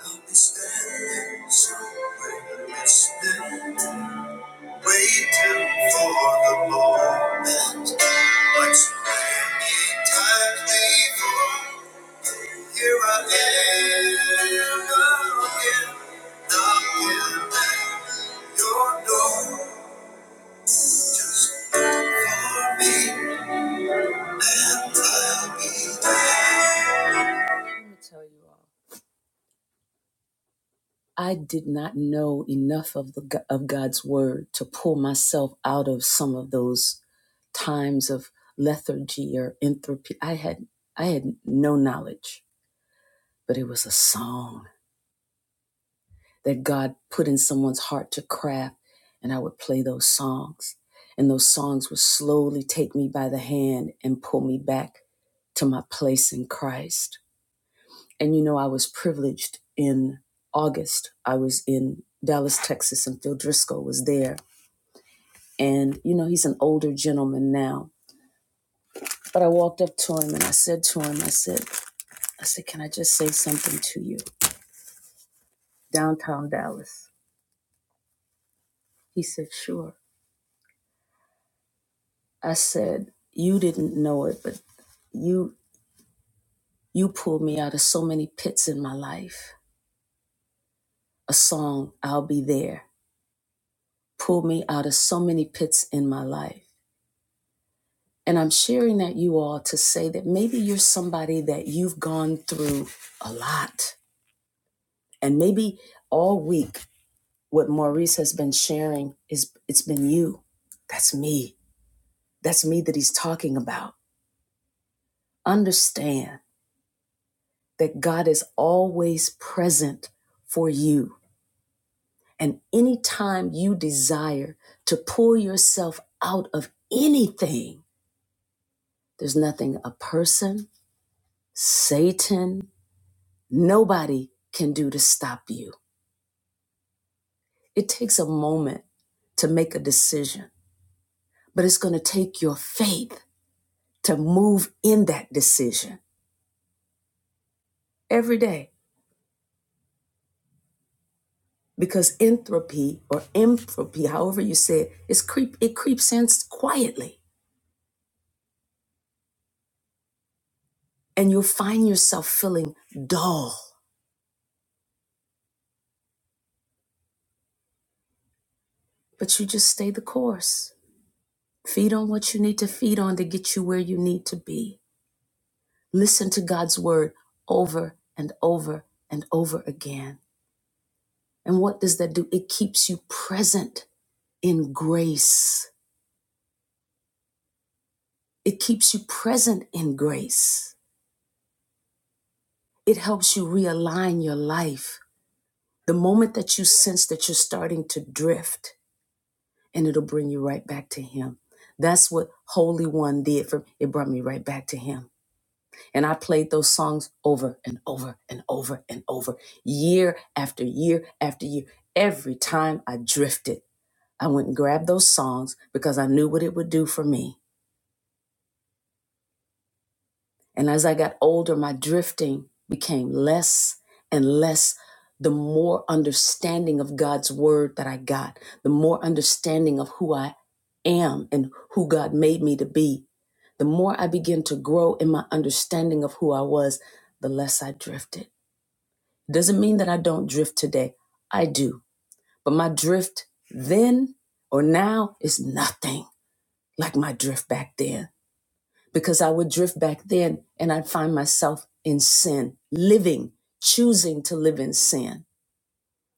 Speaker 1: I'll be standing somewhere listening, waiting for the moment. Like so many times before, here I am again, knocking at your door. Just Let me tell you all. I did not know enough of the of God's word to pull myself out of some of those times of lethargy or entropy. I had I had no knowledge, but it was a song that God put in someone's heart to craft, and I would play those songs, and those songs would slowly take me by the hand and pull me back to my place in Christ And you know, I was privileged in August. I was in Dallas, Texas, and Phil Driscoll was there. And, you know, he's an older gentleman now. But I walked up to him and I said to him, I said, I said, can I just say something to you? Downtown Dallas. He said, sure. I said, you didn't know it, but you you pulled me out of so many pits in my life. A song, I'll be there, pulled me out of so many pits in my life. And I'm sharing that you all to say that maybe you're somebody that you've gone through a lot. And maybe all week what Maurice has been sharing is it's been you. That's me. That's me that he's talking about. Understand that God is always present for you. And anytime you desire to pull yourself out of anything, there's nothing a person, Satan, nobody can do to stop you. It takes a moment to make a decision, but it's going to take your faith to move in that decision every day because entropy or entropy, however you say it, is creep, it creeps in quietly and you'll find yourself feeling dull, but you just stay the course. Feed on what you need to feed on to get you where you need to be. Listen to God's word over and over and over again And what does that do? It keeps you present in grace. It keeps you present in grace. It helps you realign your life. The moment that you sense that you're starting to drift, and it'll bring you right back to Him. That's what Holy One did for me. it brought me right back to him. And I played those songs over and over and over and over, year after year after year. Every time I drifted, I went and grabbed those songs because I knew what it would do for me And as I got older, my drifting became less and less. The more understanding of God's word that I got, the more understanding of who I am and who God made me to be, the more I began to grow in my understanding of who I was, the less I drifted. It doesn't mean that I don't drift today. I do. But my drift then or now is nothing like my drift back then because I would drift back then and I'd find myself in sin, living, choosing to live in sin.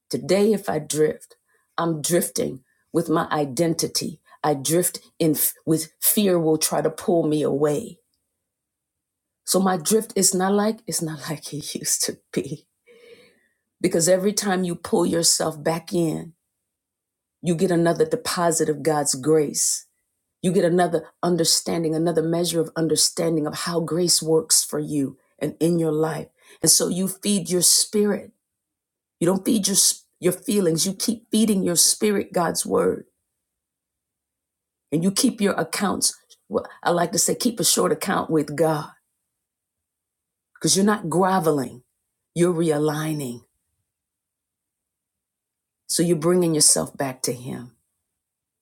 Speaker 1: Today, if I drift, I'm drifting with my identity. I drift in f- with fear will try to pull me away. So my drift is not like it's not like it used to be. Because every time you pull yourself back in, you get another deposit of God's grace You get another understanding, another measure of understanding of how grace works for you and in your life. And so you feed your spirit. You don't feed your your feelings. You keep feeding your spirit God's word, and you keep your accounts. Well, I like to say, keep a short account with God because you're not groveling. You're realigning. So you're bringing yourself back to Him.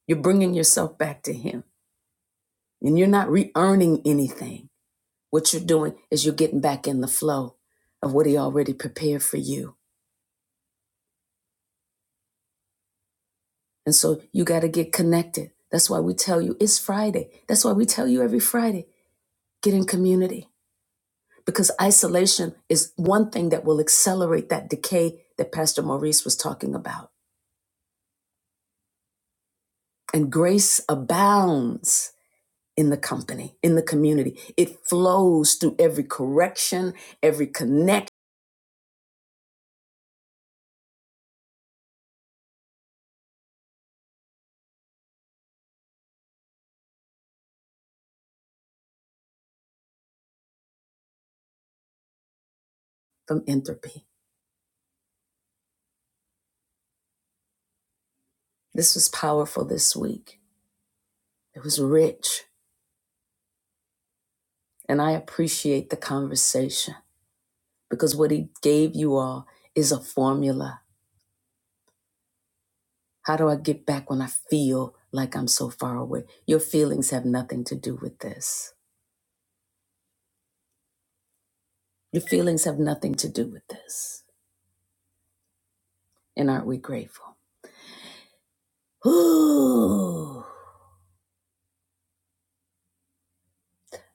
Speaker 1: You're bringing yourself back to Him, and you're not re earning anything What you're doing is you're getting back in the flow of what He already prepared for you. And so you got to get connected. That's why we tell you it's Friday. That's why we tell you every Friday get in community because isolation is one thing that will accelerate that decay that Pastor Maurice was talking about. And grace abounds in the company, in the community. It flows through every correction, every connect from entropy. This was powerful this week. It was rich. And I appreciate the conversation because what he gave you all is a formula. How do I get back when I feel like I'm so far away? Your feelings have nothing to do with this. Your feelings have nothing to do with this. And aren't we grateful? Ooh,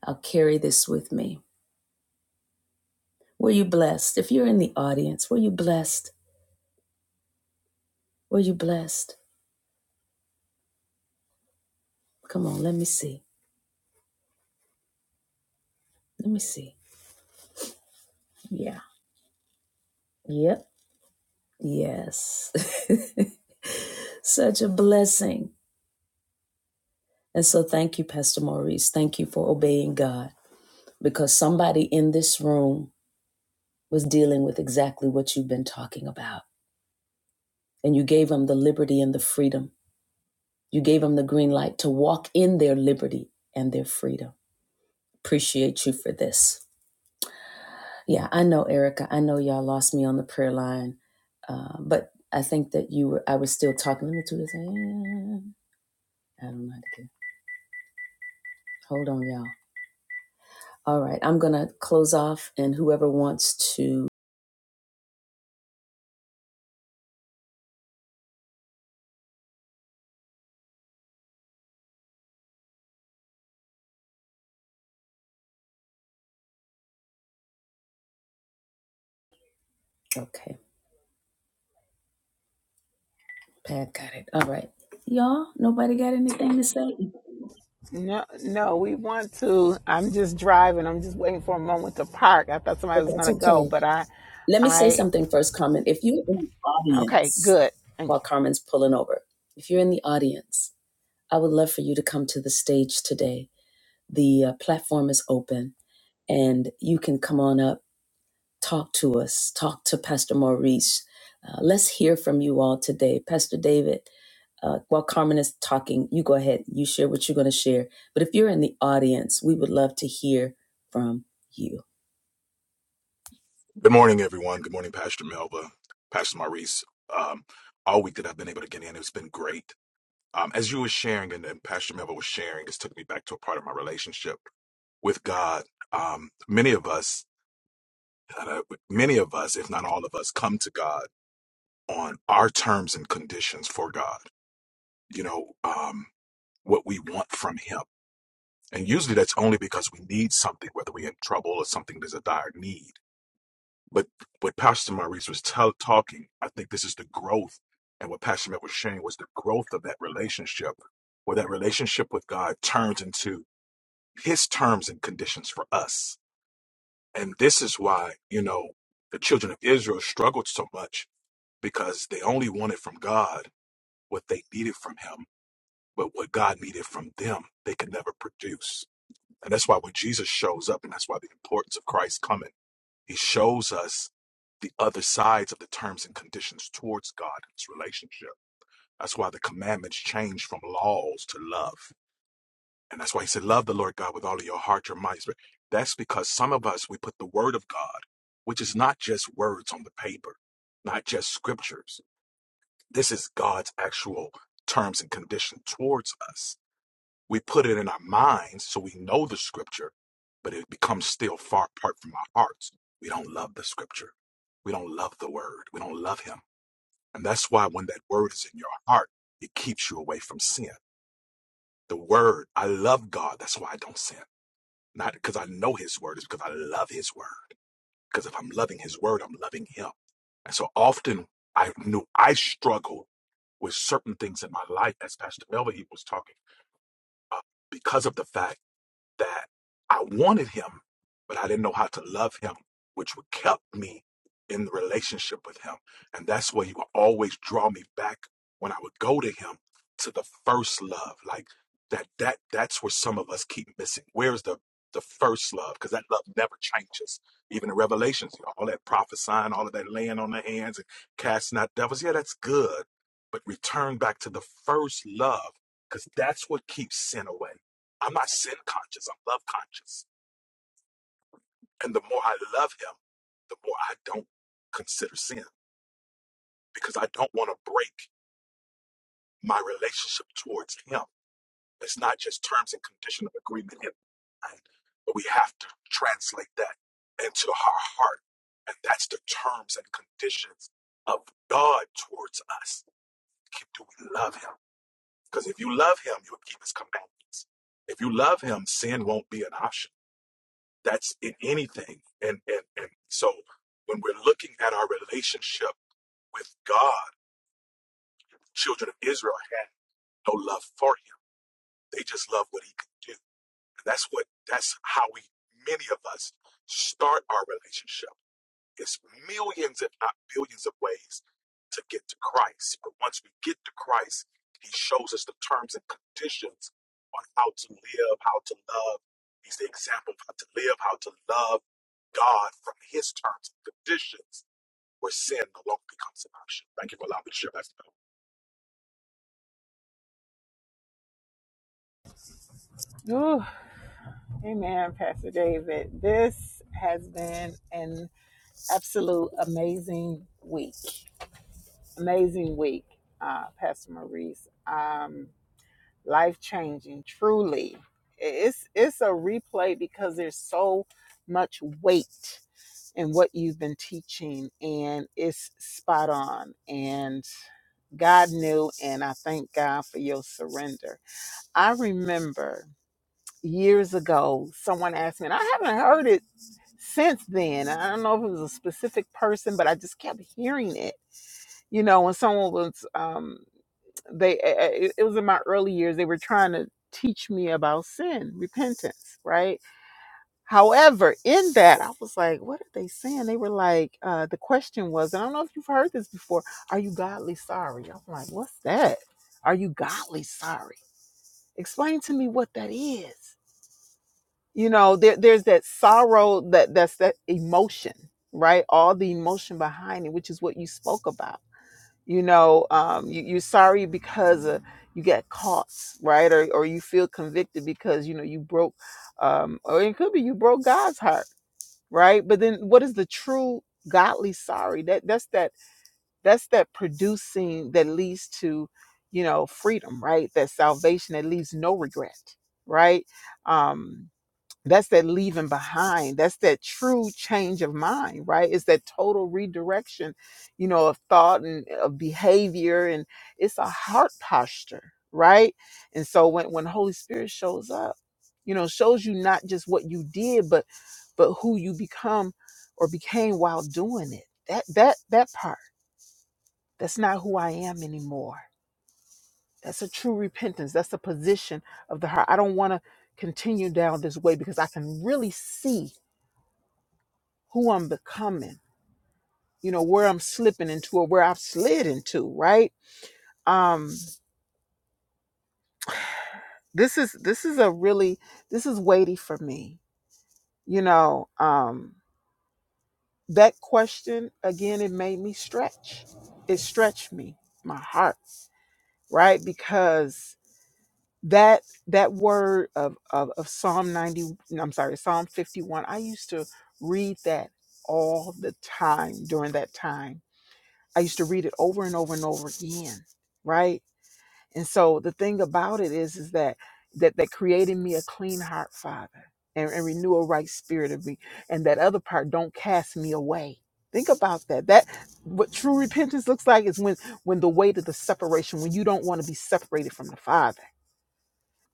Speaker 1: I'll carry this with me. Were you blessed? If you're in the audience, were you blessed? Were you blessed? Come on, let me see. Let me see. Yeah. Yep. Yes. Such a blessing And so thank you, Pastor Maurice. Thank you for obeying God because somebody in this room was dealing with exactly what you've been talking about. And you gave them the liberty and the freedom. You gave them the green light to walk in their liberty and their freedom. Appreciate you for this. Yeah, I know, Erica. I know y'all lost me on the prayer line, uh, but I think that you were, I was still talking. Let me do this. I don't know how to do it. Hold on, y'all. All right, I'm going to close off, and whoever wants to. Okay. Pat got it. All right. Y'all, nobody got anything to say?
Speaker 2: No, no, we want to. I'm just driving. I'm just waiting for a moment to park. I thought somebody
Speaker 1: But
Speaker 2: was
Speaker 1: that's
Speaker 2: gonna go,
Speaker 1: okay.
Speaker 2: but I,
Speaker 1: Let me say
Speaker 2: I,
Speaker 1: something first, Carmen. If you're in the
Speaker 2: okay,
Speaker 1: audience
Speaker 2: good. Thank
Speaker 1: while Carmen's pulling over, if you're in the audience, I would love for you to come to the stage today. The uh, platform is open and you can come on up talk to us, talk to Pastor Maurice. Uh, let's hear from you all today. Pastor David, uh, while Carmen is talking, you go ahead, you share what you're going to share. But if you're in the audience, we would love to hear from you.
Speaker 5: Good morning, everyone. Good morning, Pastor Melba, Pastor Maurice. Um, all week that I've been able to get in, it's been great. Um, as you were sharing and, and Pastor Melba was sharing, it's took me back to a part of my relationship with God. Um, many of us, uh, many of us, if not all of us, come to God on our terms and conditions for God. You know, um, what we want from Him. And usually that's only because we need something, whether we're in trouble or something there's a dire need. But what Pastor Maurice was tell talking, I think this is the growth. And what Pastor Matt was sharing was the growth of that relationship, where that relationship with God turns into his terms and conditions for us. And this is why, you know, the children of Israel struggled so much because they only wanted from God what they needed from him, but what God needed from them, they could never produce. And that's why when Jesus shows up, and that's why the importance of Christ coming he shows us the other sides of the terms and conditions towards God and his relationship. That's why the commandments change from laws to love. And that's why he said, Love the Lord God with all of your heart, your mind. your spirit." That's because some of us, we put the word of God, which is not just words on the paper, not just scriptures. This is God's actual terms and condition towards us. We put it in our minds so we know the scripture, but it becomes still far apart from our hearts. We don't love the scripture. We don't love the word. We don't love him. And that's why when that word is in your heart, it keeps you away from sin. The word, I love God. That's why I don't sin. Not because I know his word, it's because I love his word. Because if I'm loving his word, I'm loving him. And so often I knew I struggled with certain things in my life, as Pastor Melvin was talking, uh, because of the fact that I wanted him, but I didn't know how to love him, which would kept me in the relationship with him. And that's where he would always draw me back when I would go to him to the first love. Like that that that's where some of us keep missing. Where's the the first love? Because that love never changes. Even in Revelations, you know, all that prophesying, all of that laying on the hands and casting out devils. Yeah, that's good. But return back to the first love, because that's what keeps sin away I'm not sin conscious, I'm love conscious. And the more I love him, the more I don't consider sin because I don't want to break my relationship towards him. It's not just terms and condition of agreement in mind, but we have to translate that into our heart. And that's the terms and conditions of God towards us. Do we love him? Because if you love him, you'll keep his commandments. If you love him, sin won't be an option That's in anything. And and and so when we're looking at our relationship with God, children of Israel had no love for him. They just love what he can do. And that's what that's how we many of us start our relationship. It's millions, if not billions, of ways to get to Christ. But once we get to Christ, he shows us the terms and conditions on how to live, how to love. He's the example of how to live, how to love God from his terms and conditions where sin no longer becomes an option. Thank you for allowing me to share that.
Speaker 2: you. Ooh, amen, Pastor David. This has been an absolute amazing week. Amazing week, uh, Pastor Maurice. Um, life changing, truly. It's it's a replay because there's so much weight and what you've been teaching and it's spot on and god knew and i thank god for your surrender i remember years ago someone asked me and i haven't heard it since then i don't know if it was a specific person but i just kept hearing it you know when someone was um they it it was in my early years they were trying to teach me about sin repentance right However, in that, I was like, what are they saying? They were like, uh, the question was, and I don't know if you've heard this before, are you godly sorry? I'm like, what's that? Are you godly sorry? Explain to me what that is. You know, there, there's that sorrow that that's that emotion, right? All the emotion behind it, which is what you spoke about. You know, um, you, you're sorry because uh, you got caught, right? Or, or you feel convicted because, you know, you broke um, or it could be you broke God's heart right but then what is the true godly sorry that that's that that's that producing that leads to you know freedom right that salvation that leaves no regret right um that's that leaving behind that's that true change of mind right it's that total redirection you know of thought and uh, of behavior and it's a heart posture right and so when when holy spirit shows up you know shows you not just what you did but but who you become or became while doing it that that that part that's not who i am anymore that's a true repentance that's a position of the heart i don't want to continue down this way because i can really see who I'm becoming, you know, where I'm slipping into or where I've slid into, right? Um, this is this is a really this is weighty for me. You know, um, that question again, it made me stretch. It stretched me, my heart, right? Because that that word of of, of Psalm 90, I'm sorry, Psalm 51, I used to read that all the time during that time. I used to read it over and over and over again, right? And so the thing about it is, is that that that created me a clean heart, Father, and, and renew a right spirit of me. And that other part, don't cast me away. Think about that. That what true repentance looks like is when when the weight of the separation, when you don't want to be separated from the Father.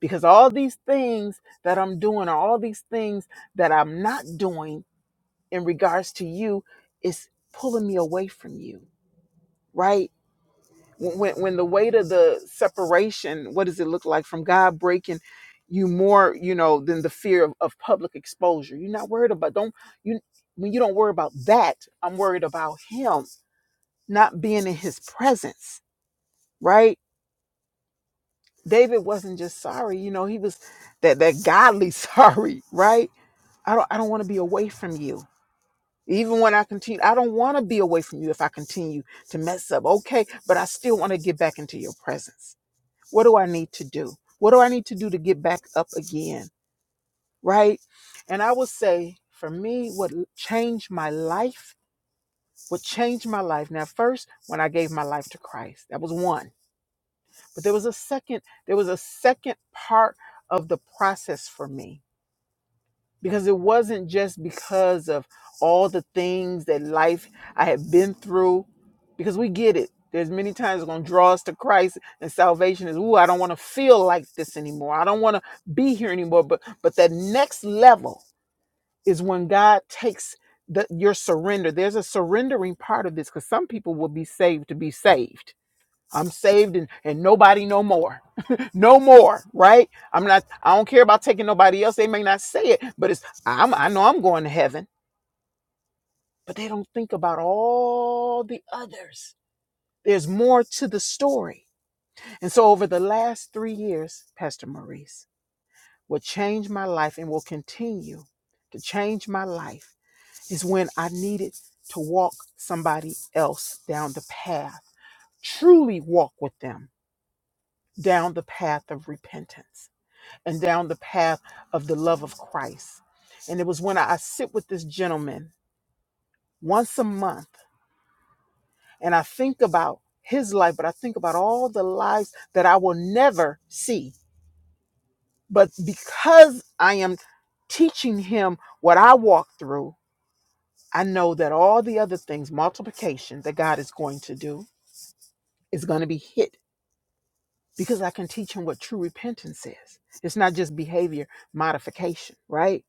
Speaker 2: Because all these things that I'm doing or all these things that I'm not doing in regards to you is pulling me away from you, right? when when the weight of the separation what does it look like from god breaking you more you know than the fear of, of public exposure you're not worried about don't you when you don't worry about that i'm worried about him not being in his presence right david wasn't just sorry you know he was that that godly sorry right i don't i don't want to be away from you even when i continue i don't want to be away from you if i continue to mess up okay but i still want to get back into your presence What do I need to do? What do I need to do to get back up again? Right? And I will say for me, what changed my life, what changed my life. Now, first, when I gave my life to Christ, that was one. But there was a second, there was a second part of the process for me. because it wasn't just because of all the things that life I had been through. Because we get it. There's many times it's gonna draw us to Christ and salvation is, ooh, I don't want to feel like this anymore. I don't want to be here anymore. But but that next level is when God takes the, your surrender. There's a surrendering part of this because some people will be saved to be saved I'm saved and, and nobody no more. no more, right? I'm not I don't care about taking nobody else. They may not say it, but it's I'm I know I'm going to heaven, but they don't think about all the others. There's more to the story. And so over the last 3 years, Pastor Maurice, what changed my life and will continue to change my life is when I needed to walk somebody else down the path. Truly walk with them down the path of repentance and down the path of the love of Christ. And it was when I, I sit with this gentleman once a month and I think about his life, but I think about all the lives that I will never see. But because I am teaching him what I walk through, I know that all the other things, multiplication that God is going to do, is going to be hit because I can teach him what true repentance is. It's not just behavior modification, right?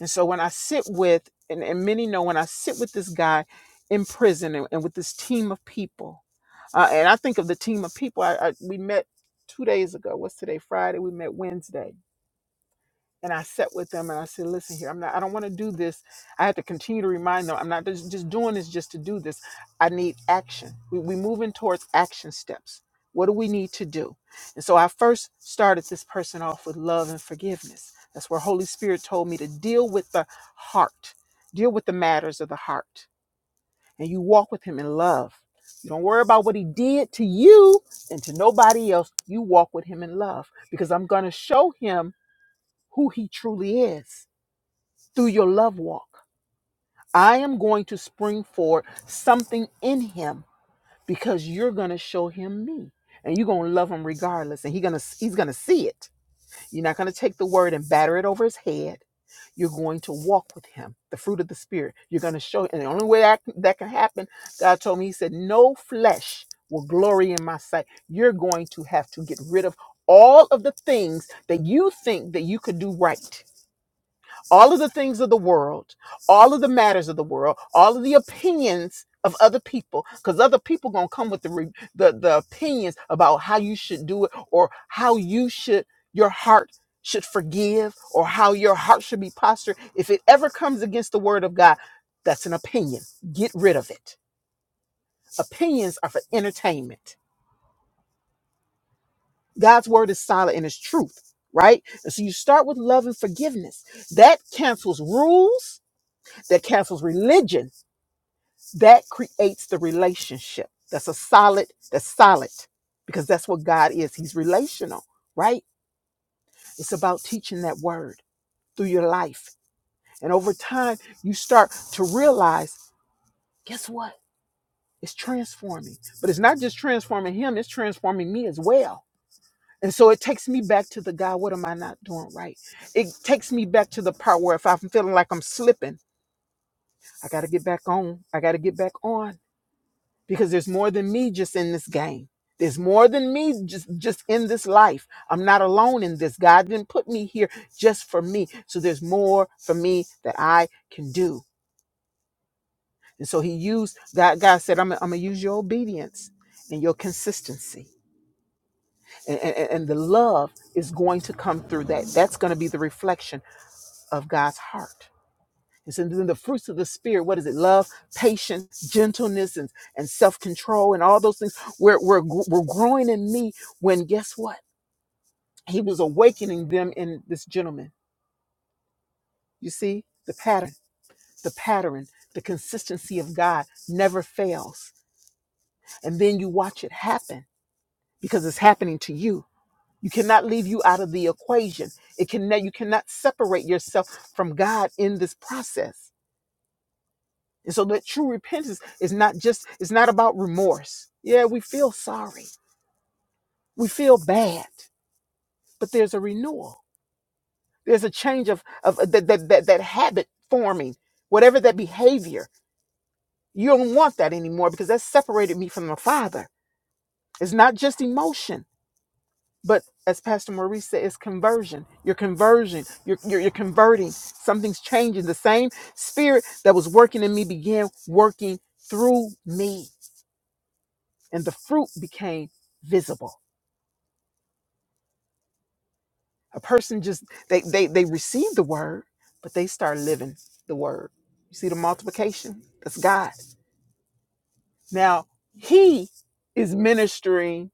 Speaker 2: And so when I sit with, and, and many know when I sit with this guy in prison and, and with this team of people, uh, and I think of the team of people I, I, we met two days ago. What's today? Friday. We met Wednesday and I sat with them and I said, "Listen here, I'm not. I don't want to do this. I have to continue to remind them. I'm not just, just doing this just to do this. I need action. We we moving towards action steps. What do we need to do? And so I first started this person off with love and forgiveness. That's where Holy Spirit told me to deal with the heart, deal with the matters of the heart, and you walk with Him in love. You don't worry about what He did to you and to nobody else. You walk with Him in love because I'm going to show Him." who He truly is through your love walk. I am going to spring forward something in Him because you're going to show Him me. And you're gonna love him regardless, and he gonna he's gonna see it. You're not gonna take the word and batter it over his head. You're going to walk with him, the fruit of the spirit. You're gonna show, him. and the only way that, that can happen, God told me, He said, "No flesh will glory in my sight." You're going to have to get rid of all of the things that you think that you could do right all of the things of the world, all of the matters of the world, all of the opinions of other people, because other people gonna come with the, re- the the opinions about how you should do it or how you should your heart should forgive or how your heart should be postured. If it ever comes against the word of God, that's an opinion. Get rid of it. Opinions are for entertainment. God's word is solid and it's truth, right? And so you start with love and forgiveness. That cancels rules, that cancels religion that creates the relationship that's a solid that's solid because that's what god is he's relational right it's about teaching that word through your life and over time you start to realize guess what it's transforming but it's not just transforming him it's transforming me as well and so it takes me back to the god what am i not doing right it takes me back to the part where if i'm feeling like i'm slipping i got to get back on i got to get back on because there's more than me just in this game. There's more than me just just in this life. I'm not alone in this. God didn't put me here just for me. So there's more for me that I can do. And so he used that. God said, "I'm I'm gonna use your obedience and your consistency, and, and, and the love is going to come through that. That's going to be the reflection of God's heart." It says, then the fruits of the spirit, what is it? Love, patience, gentleness, and, and self-control, and all those things were, were, gr- were growing in me when guess what? He was awakening them in this gentleman. You see the pattern, the pattern, the consistency of God never fails. And then you watch it happen because it's happening to you. You cannot leave you out of the equation. It can you cannot separate yourself from God in this process. And so that true repentance is not just, it's not about remorse. Yeah, we feel sorry. We feel bad, but there's a renewal. There's a change of, of uh, that, that, that, that habit forming, whatever that behavior. You don't want that anymore because that separated me from the Father. It's not just emotion, but as Pastor Maurice said, it's conversion. Your conversion, you're, you're, you're converting. Something's changing. The same spirit that was working in me began working through me. and the fruit became visible. A person just they they they received the word, but they start living the word. You see the multiplication? That's God. Now He is ministering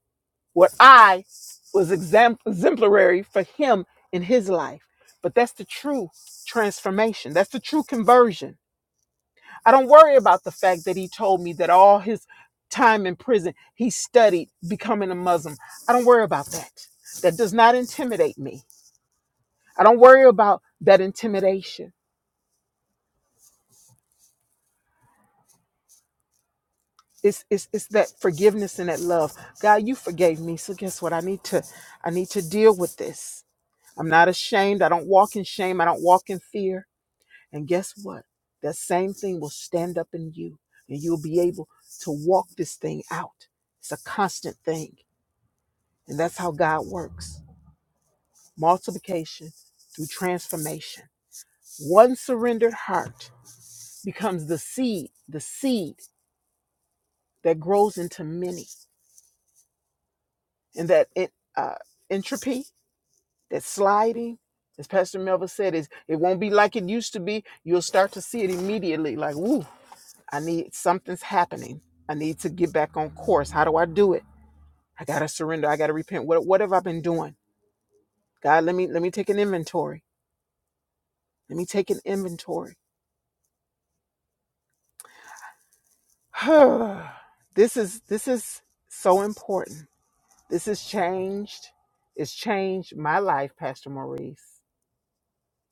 Speaker 2: what I was exam- exemplary for Him in His life. But that's the true transformation. That's the true conversion I don't worry about the fact that he told me that all his time in prison he studied becoming a Muslim. I don't worry about that. That does not intimidate me. I don't worry about that intimidation. It's, it's, it's that forgiveness and that love. God, you forgave me. So guess what? I need to I need to deal with this. I'm not ashamed. I don't walk in shame. I don't walk in fear. And guess what? That same thing will stand up in you and you'll be able to walk this thing out. It's a constant thing. And that's how God works multiplication through transformation. One surrendered heart becomes the seed, the seed that grows into many. And that it, uh, entropy, that sliding, as Pastor Melville said, is it won't be like it used to be. You'll start to see it immediately like, woo, I need something's happening. I need to get back on course. How do I do it? I gotta surrender. I gotta repent. What, what have I been doing? God, let me let me take an inventory. Let me take an inventory this is this is so important. This has changed. It's changed my life, Pastor Maurice.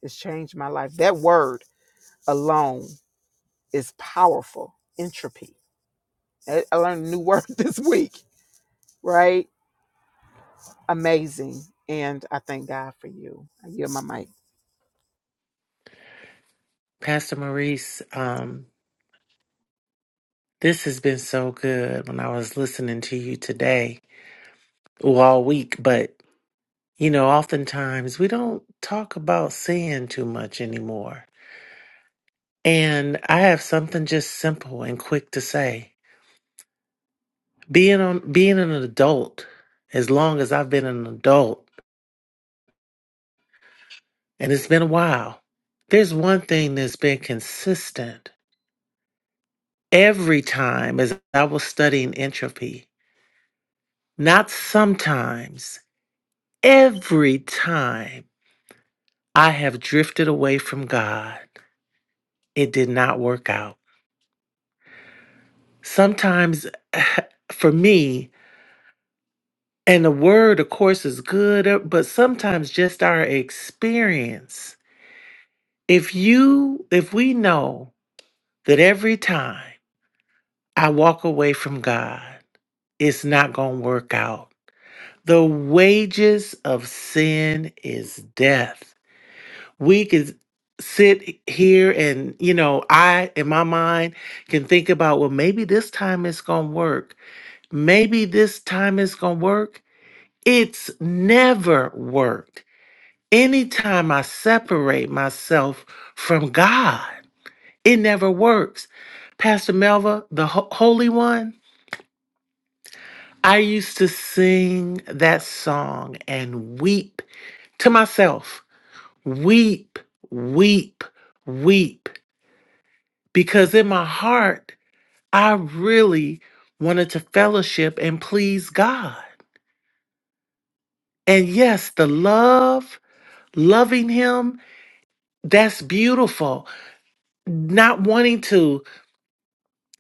Speaker 2: It's changed my life. That word alone is powerful. Entropy. I, I learned a new word this week. Right? Amazing. And I thank God for you. I yield my mic.
Speaker 6: Pastor Maurice, um, this has been so good when I was listening to you today, well, all week, but you know, oftentimes we don't talk about sin too much anymore. And I have something just simple and quick to say. Being on being an adult, as long as I've been an adult, and it's been a while, there's one thing that's been consistent every time as I was studying entropy. Not sometimes. Every time I have drifted away from God, it did not work out. Sometimes for me, and the word, of course, is good, uh, but sometimes just our experience. If you, if we know that every time I walk away from God, it's not going to work out. The wages of sin is death. we could sit here and you know i in my mind can think about well maybe this time it's gonna work maybe this time it's gonna work it's never worked anytime i separate myself from god it never works pastor melva the ho- holy one i used to sing that song and weep to myself weep weep weep because in my heart, I really wanted to fellowship and please God. And yes, the love, loving Him, that's beautiful. Not wanting to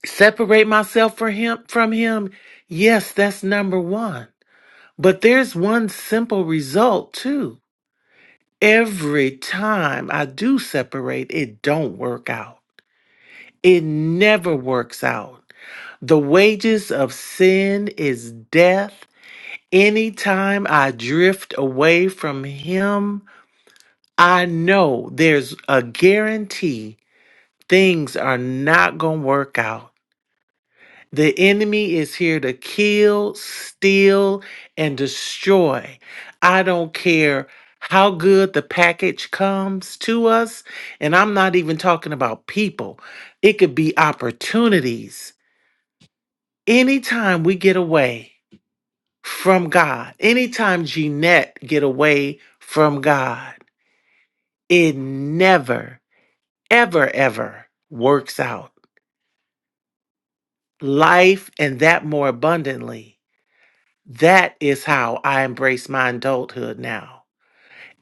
Speaker 6: separate myself for him, from Him, yes, that's number one. But there's one simple result too. Every time I do separate, it don't work out. It never works out. The wages of sin is death Anytime I drift away from Him, I know there's a guarantee things are not going to work out. The enemy is here to kill, steal, and destroy. I don't care how good the package comes to us. And I'm not even talking about people, it could be opportunities. Anytime we get away, from God. Anytime Jeanette get away from God, it never, ever, ever works out. Life and that more abundantly. That is how I embrace my adulthood now.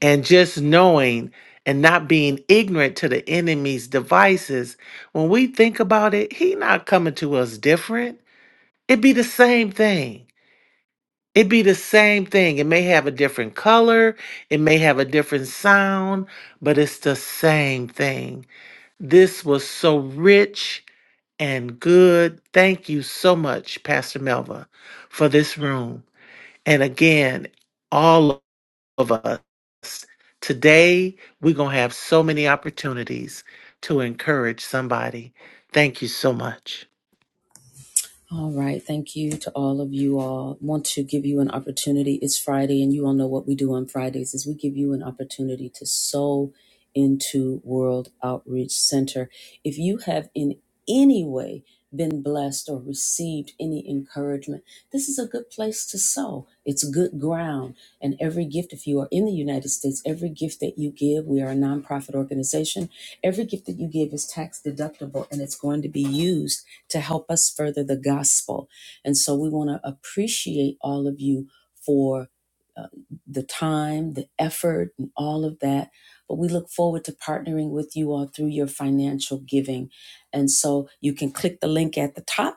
Speaker 6: And just knowing and not being ignorant to the enemy's devices, when we think about it, he not coming to us different. It be the same thing. It'd be the same thing. It may have a different color, it may have a different sound, but it's the same thing. This was so rich and good. Thank you so much, Pastor Melva, for this room. And again, all of us, today we're going to have so many opportunities to encourage somebody. Thank you so much.
Speaker 1: All right. Thank you to all of you all. Want to give you an opportunity. It's Friday, and you all know what we do on Fridays is we give you an opportunity to sow into World Outreach Center. If you have in any way been blessed or received any encouragement, this is a good place to sow. It's good ground. And every gift, if you are in the United States, every gift that you give, we are a nonprofit organization, every gift that you give is tax deductible and it's going to be used to help us further the gospel. And so we want to appreciate all of you for uh, the time, the effort, and all of that. But we look forward to partnering with you all through your financial giving. And so you can click the link at the top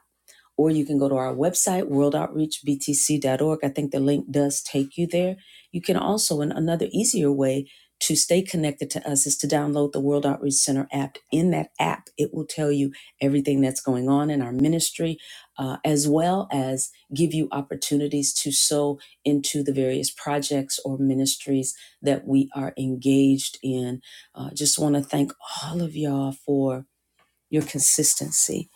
Speaker 1: or you can go to our website, worldoutreachbtc.org. I think the link does take you there. You can also, and another easier way to stay connected to us is to download the World Outreach Center app. In that app, it will tell you everything that's going on in our ministry, uh, as well as give you opportunities to sow into the various projects or ministries that we are engaged in. Uh, just want to thank all of y'all for your consistency.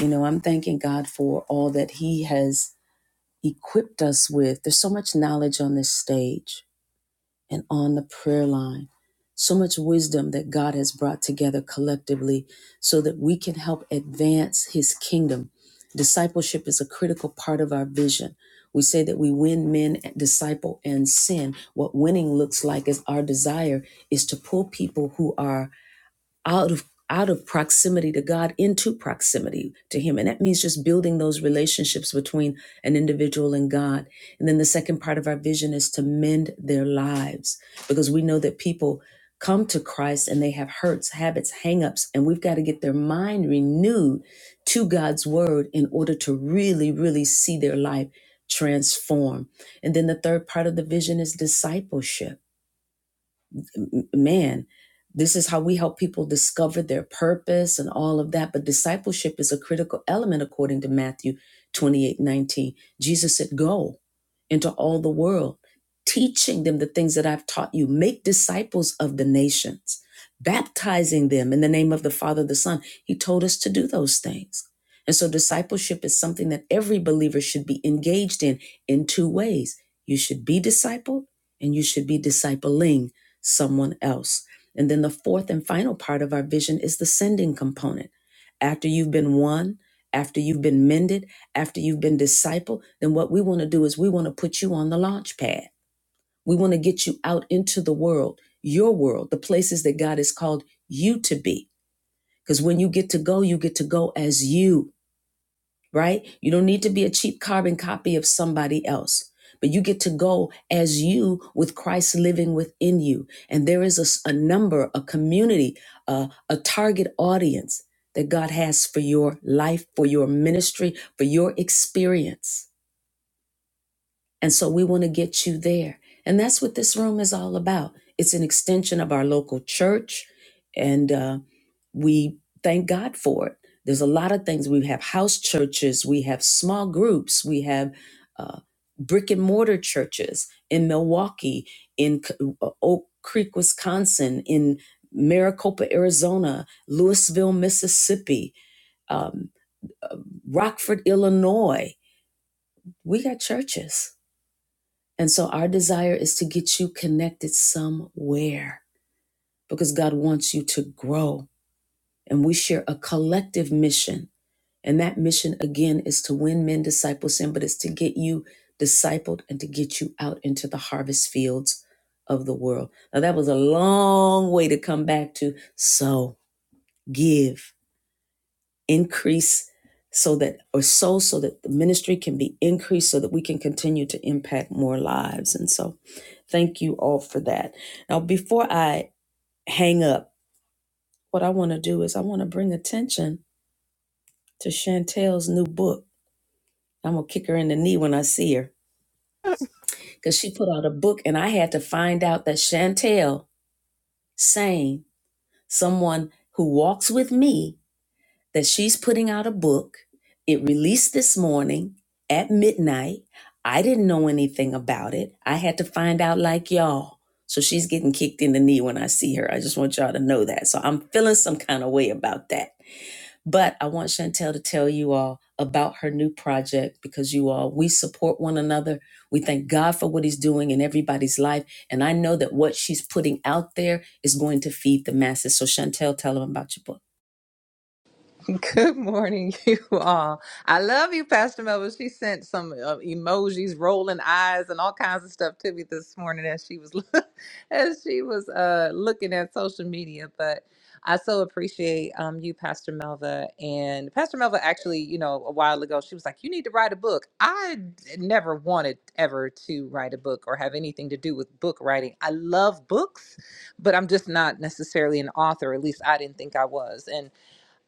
Speaker 1: You know, I'm thanking God for all that He has equipped us with. There's so much knowledge on this stage and on the prayer line, so much wisdom that God has brought together collectively so that we can help advance His kingdom. Discipleship is a critical part of our vision. We say that we win men, disciple, and sin. What winning looks like is our desire is to pull people who are out of out of proximity to God into proximity to him and that means just building those relationships between an individual and God and then the second part of our vision is to mend their lives because we know that people come to Christ and they have hurts habits hangups and we've got to get their mind renewed to God's word in order to really really see their life transform and then the third part of the vision is discipleship m- man, this is how we help people discover their purpose and all of that. But discipleship is a critical element according to Matthew 28 19. Jesus said, Go into all the world, teaching them the things that I've taught you. Make disciples of the nations, baptizing them in the name of the Father, the Son. He told us to do those things. And so discipleship is something that every believer should be engaged in in two ways. You should be discipled and you should be discipling someone else. And then the fourth and final part of our vision is the sending component. After you've been won, after you've been mended, after you've been discipled, then what we want to do is we want to put you on the launch pad. We want to get you out into the world, your world, the places that God has called you to be. Because when you get to go, you get to go as you right? You don't need to be a cheap carbon copy of somebody else, but you get to go as you with Christ living within you. And there is a a number, a community, a, a target audience that God has for your life, for your ministry, for your experience. And so we want to get you there. And that's what this room is all about. It's an extension of our local church. and. uh, we thank God for it. There's a lot of things. We have house churches, we have small groups, we have uh, brick and mortar churches in Milwaukee, in C- uh, Oak Creek, Wisconsin, in Maricopa, Arizona, Louisville, Mississippi, um, Rockford, Illinois. We got churches. And so our desire is to get you connected somewhere because God wants you to grow. And we share a collective mission And that mission again is to win men disciples in, but it's to get you discipled and to get you out into the harvest fields of the world. Now that was a long way to come back to. So give, increase so that or so so that the ministry can be increased so that we can continue to impact more lives. And so thank you all for that. Now before I hang up, what I want to do is I want to bring attention to Chantel's new book. I'm gonna kick her in the knee when I see her because she put out a book and I had to find out that Chantel Sane, someone who walks with me, that she's putting out a book. It released this morning at midnight. I didn't know anything about it. I had to find out like y'all. So she's getting kicked in the knee when I see her. I just want y'all to know that. So I'm feeling some kind of way about that. But I want Chantel to tell you all about her new project because you all, we support one another. We thank God for what He's doing in everybody's life. And I know that what she's putting out there is going to feed the masses. So, Chantel, tell them about your book.
Speaker 7: Good morning, you all. I love you, Pastor Melville. She sent some uh, emojis, rolling eyes, and all kinds of stuff to me this morning as she was as she was uh, looking at social media. But I so appreciate um, you, Pastor Melva. And Pastor Melva, actually, you know, a while ago, she was like, "You need to write a book." I d- never wanted ever to write a book or have anything to do with book writing. I love books, but I'm just not necessarily an author. At least I didn't think I was, and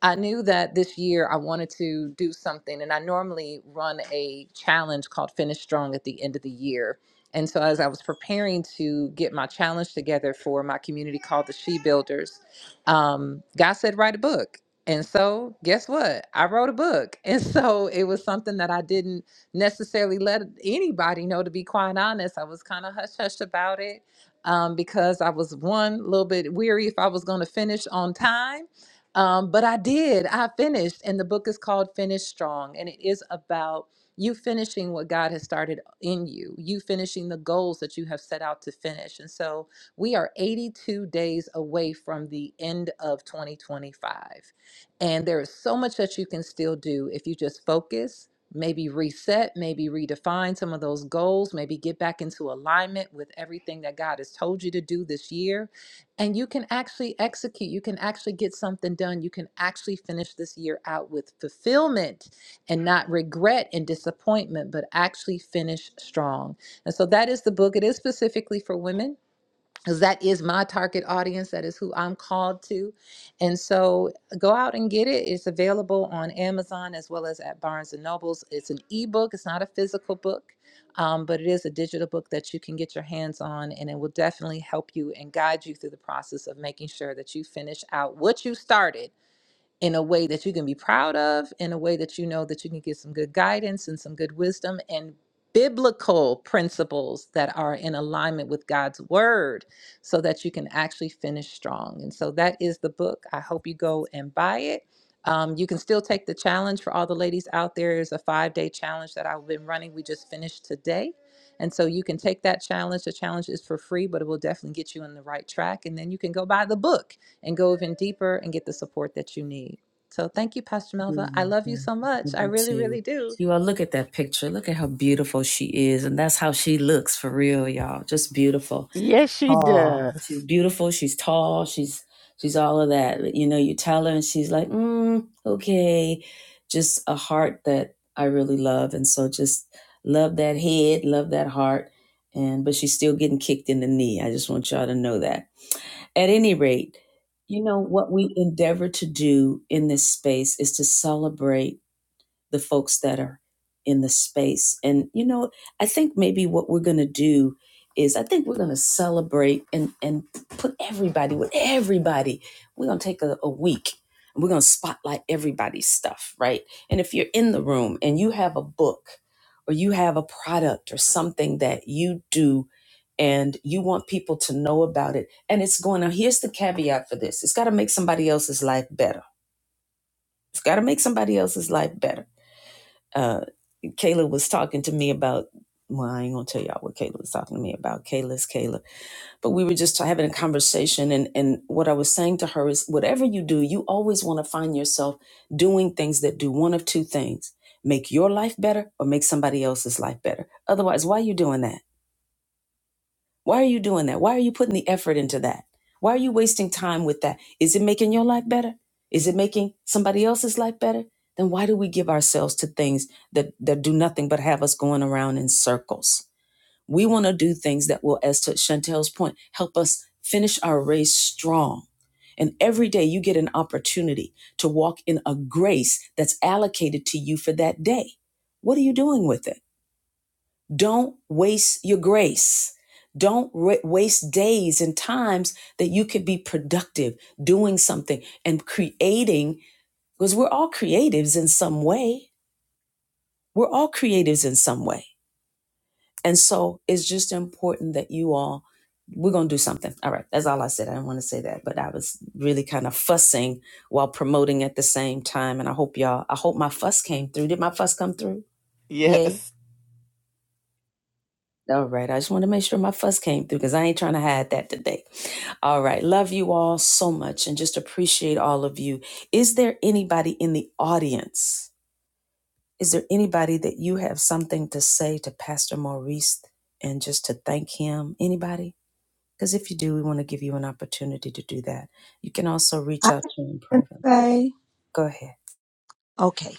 Speaker 7: I knew that this year I wanted to do something, and I normally run a challenge called Finish Strong at the end of the year. And so, as I was preparing to get my challenge together for my community called the She Builders, um, God said, Write a book. And so, guess what? I wrote a book. And so, it was something that I didn't necessarily let anybody know, to be quite honest. I was kind of hush hush about it um, because I was one, a little bit weary if I was going to finish on time um, but I did. I finished, and the book is called Finish Strong, and it is about you finishing what God has started in you, you finishing the goals that you have set out to finish. And so we are 82 days away from the end of 2025. And there is so much that you can still do if you just focus. Maybe reset, maybe redefine some of those goals, maybe get back into alignment with everything that God has told you to do this year and you can actually execute, you can actually get something done. You can actually finish this year out with fulfillment and not regret and disappointment, but actually finish strong. And so that is the book. It is specifically for women because that is my target audience. That is who I'm called to. And so uh, go out and get it. It's available on Amazon as well as at Barnes and Nobles. It's an ebook, it's not a physical book, um, but it is a digital book that you can get your hands on, and it will definitely help you and guide you through the process of making sure that you finish out what you started in a way that you can be proud of, in a way that you know that you can get some good guidance and some good wisdom and biblical principles that are in alignment with God's word so that you can actually finish strong. And so that is the book. I hope you go and buy it. Um, you can still take the challenge for all the ladies out there. There's a five day challenge that I've been running. We just finished today and so you can take that challenge. The challenge is for free, but it will definitely get you on the right track. And then you can go buy the book and go even deeper and get the support that you need. So thank you, Pastor
Speaker 1: You're
Speaker 7: Melva. I love you
Speaker 1: welcome.
Speaker 7: so much.
Speaker 1: Love
Speaker 7: I
Speaker 1: you
Speaker 7: really,
Speaker 1: too.
Speaker 7: really do.
Speaker 1: You all, look at that picture. Look at how beautiful she is. And that's how she looks for real, y'all. Just beautiful.
Speaker 2: Yes, she
Speaker 1: Oh,
Speaker 2: does.
Speaker 1: she's beautiful. She's tall. She's she's all of that. But, You know, you tell her, and she's like, mm, okay, just a heart that I really love, and so just love that head, love that heart, and but she's still getting kicked in the knee. I just want y'all to know that. At any rate, you know what we endeavor to do in this space is to celebrate the folks that are in the space. And you know, I think maybe what we're going to do is I think we're going to celebrate and and put everybody with everybody. We're going to take a, a week and we're going to spotlight everybody's stuff, right? And if you're in the room and you have a book or you have a product or something that you do and you want people to know about it and it's going to here's the caveat for this it's got to make somebody else's life better it's got to make somebody else's life better Uh, Kayla was talking to me about. Well, I ain't gonna tell y'all what Kayla was talking to me about. Kayla's Kayla, but we were just having a conversation, and and what I was saying to her is, whatever you do, you always want to find yourself doing things that do one of two things: make your life better or make somebody else's life better. Otherwise, why are you doing that? Why are you doing that? Why are you putting the effort into that? Why are you wasting time with that? Is it making your life better? Is it making somebody else's life better? Then why do we give ourselves to things that, that do nothing but have us going around in circles? We want to do things that will, as to Chantel's point, help us finish our race strong. And every day you get an opportunity to walk in a grace that's allocated to you for that day. What are you doing with it? Don't waste your grace. Don't wa- waste days and times that you could be productive doing something and creating, because we're all creatives in some way. We're all creatives in some way. And so it's just important that you all, we're going to do something. All right. That's all I said. I didn't want to say that, but I was really kind of fussing while promoting at the same time. And I hope y'all, I hope my fuss came through. Did my fuss come through? Yay.
Speaker 6: Yes.
Speaker 1: All right. I just want to make sure my fuss came through because I ain't trying to hide that today. All right. Love you all so much and just appreciate all of you. Is there anybody in the audience? Is there anybody that you have something to say to Pastor Maurice and just to thank him? Anybody? Because if you do, we want to give you an opportunity to do that. You can also reach
Speaker 8: I
Speaker 1: out to him
Speaker 8: can
Speaker 1: privately.
Speaker 8: say,
Speaker 1: Go ahead.
Speaker 8: okay.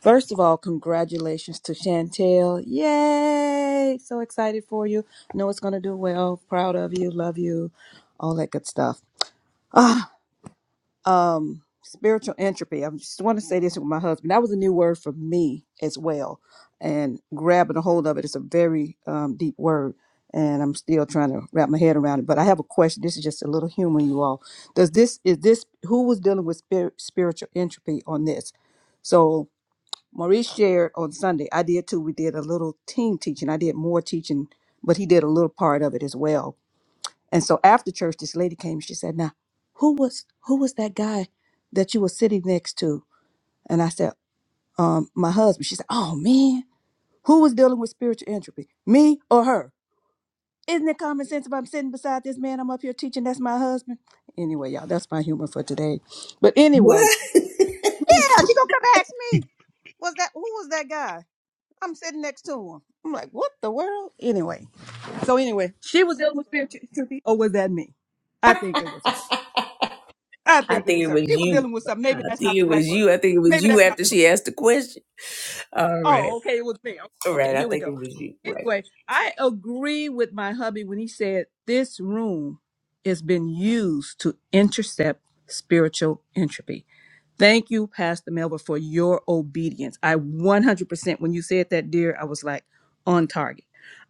Speaker 8: First of all, congratulations to Chantel. Yay! So excited for you. Know it's going to do well. Proud of you. Love you. All that good stuff. Ah, um spiritual entropy i just want to say this with my husband that was a new word for me as well and grabbing a hold of it it's a very um, deep word and i'm still trying to wrap my head around it but i have a question this is just a little humor you all does this is this who was dealing with spirit, spiritual entropy on this so maurice shared on sunday i did too we did a little team teaching i did more teaching but he did a little part of it as well and so after church, this lady came. and She said, "Now, who was who was that guy that you were sitting next to?" And I said, um, "My husband." She said, "Oh man, who was dealing with spiritual entropy, me or her? Isn't it common sense if I'm sitting beside this man I'm up here teaching? That's my husband." Anyway, y'all, that's my humor for today. But anyway,
Speaker 1: What?
Speaker 8: yeah, she gonna come ask me, "Was that who was that guy?" I'm sitting next to him. I'm like, "What the world?" Anyway, so anyway, she was dealing with spiritual entropy, or was that me? I think it was her. I
Speaker 1: I
Speaker 8: think it
Speaker 1: think it
Speaker 8: was her.
Speaker 1: was
Speaker 8: She was
Speaker 1: you.
Speaker 8: dealing with something. Maybe
Speaker 1: I
Speaker 8: that's
Speaker 1: think
Speaker 8: not
Speaker 1: it
Speaker 8: the
Speaker 1: was
Speaker 8: right word.
Speaker 1: you. I think it was
Speaker 8: Maybe
Speaker 1: you
Speaker 8: that's not
Speaker 1: after
Speaker 8: the right.
Speaker 1: she asked the question. All right.
Speaker 8: Oh, okay, it was me.
Speaker 1: All right,
Speaker 8: Okay,
Speaker 1: I
Speaker 8: here we
Speaker 1: think
Speaker 8: go.
Speaker 1: it was you. Right.
Speaker 8: Anyway, I agree with my hubby when he said this room has been used to intercept spiritual entropy. Thank you, Pastor Melba, for your obedience. I 100%, when you said that, dear, I was like on target.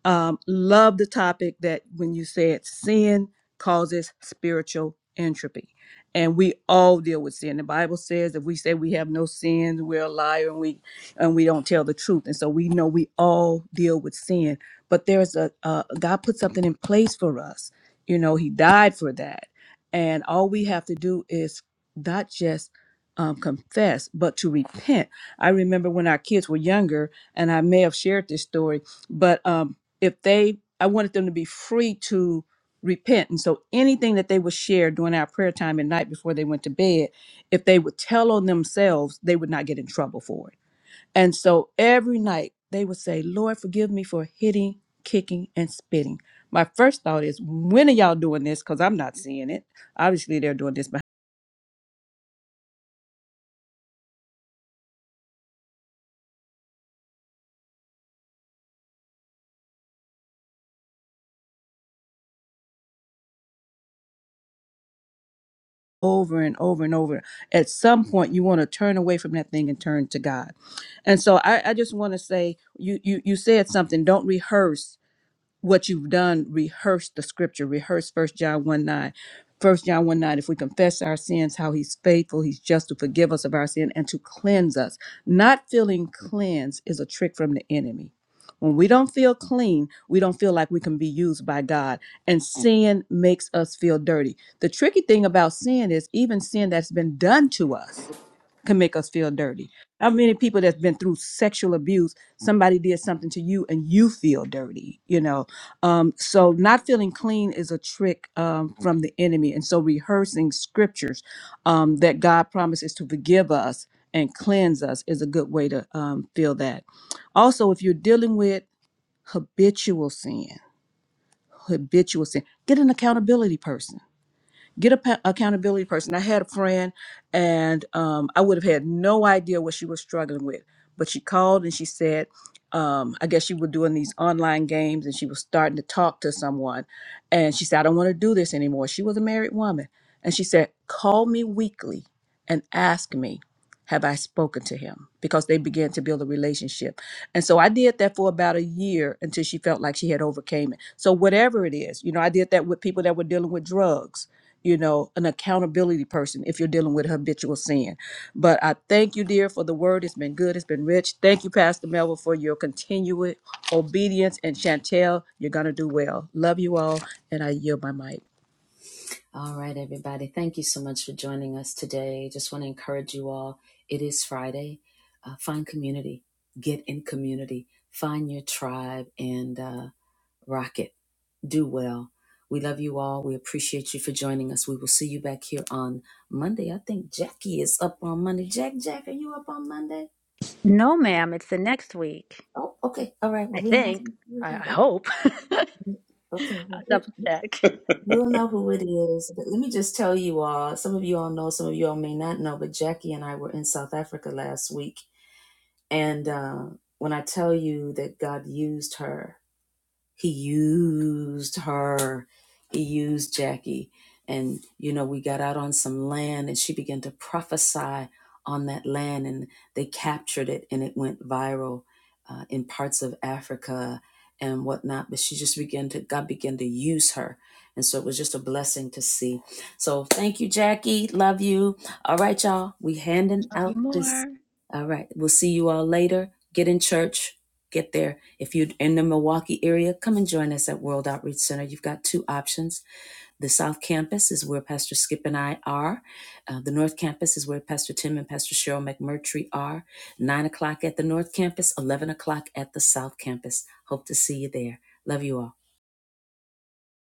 Speaker 8: Um, love the topic that when you said sin causes spiritual entropy. And we all deal with sin. The Bible says if we say we have no sins, we're a liar and we and we don't tell the truth. And so we know we all deal with sin. But there's a uh, God put something in place for us. You know, He died for that, and all we have to do is not just um, confess, but to repent. I remember when our kids were younger, and I may have shared this story, but um, if they, I wanted them to be free to repent. And so anything that they would share during our prayer time at night before they went to bed, if they would tell on themselves, they would not get in trouble for it. And so every night they would say, Lord, forgive me for hitting, kicking, and spitting. My first thought is, when are y'all doing this? Because I'm not seeing it. Obviously, they're doing this over and over and over. At some point, you want to turn away from that thing and turn to God. And so I, I just want to say, you, you you said something. Don't rehearse what you've done rehearse the scripture rehearse first john 1 9 first john 1 9 if we confess our sins how he's faithful he's just to forgive us of our sin and to cleanse us not feeling cleansed is a trick from the enemy when we don't feel clean we don't feel like we can be used by god and sin makes us feel dirty the tricky thing about sin is even sin that's been done to us can make us feel dirty. How many people that's been through sexual abuse, somebody did something to you and you feel dirty, you know? Um, so not feeling clean is a trick um, from the enemy. And so rehearsing scriptures um, that God promises to forgive us and cleanse us is a good way to um, feel that. Also, if you're dealing with habitual sin, habitual sin, get an accountability person get a pa- accountability person. I had a friend, and um, I would have had no idea what she was struggling with, but she called and she said, um, I guess she was doing these online games, and she was starting to talk to someone, and she said, I don't want to do this anymore. She was a married woman, and she said, call me weekly and ask me. Have I spoken to him? Because they began to build a relationship. And so I did that for about a year until she felt like she had overcame it. So whatever it is, you know, I did that with people that were dealing with drugs you know, an accountability person if you're dealing with habitual sin. But I thank you, dear, for the word. It's been good. It's been rich. Thank you, Pastor Melville, for your continued obedience. And Chantel, you're going to do well. Love you all. And I yield my mic.
Speaker 1: All right, everybody. Thank you so much for joining us today. Just want to encourage you all. It is Friday. Uh, find community, get in community, find your tribe, and uh, rock it. Do well. We love you all. We appreciate you for joining us. We will see you back here on Monday. I think Jackie is up on Monday. Jack, Jack, are you up on Monday?
Speaker 9: No, ma'am, it's the next week.
Speaker 1: Oh, okay. All right.
Speaker 9: I
Speaker 1: Well, we ain't
Speaker 9: think. I, I
Speaker 1: going
Speaker 9: hope. I'll
Speaker 1: to. Okay. Well, we-
Speaker 9: double check.
Speaker 1: We'll know who it is. But let me just tell you all, some of you all know, some of you all may not know, but Jackie and I were in South Africa last week. And uh, when I tell you that God used her he used her he used jackie and you know we got out on some land and she began to prophesy on that land and they captured it and it went viral uh, in parts of africa and whatnot but she just began to god began to use her and so it was just a blessing to see so thank you jackie love you all right y'all we handing
Speaker 9: Love you
Speaker 1: out this
Speaker 9: more.
Speaker 1: all right we'll see you all later get in church get there. If you're in the Milwaukee area, come and join us at World Outreach Center. You've got two options. The South Campus is where Pastor Skip and I are. Uh, the North Campus is where Pastor Tim and Pastor Cheryl McMurtry are. Nine o'clock at the North Campus, 11 o'clock at the South Campus. Hope to see you there. Love you all.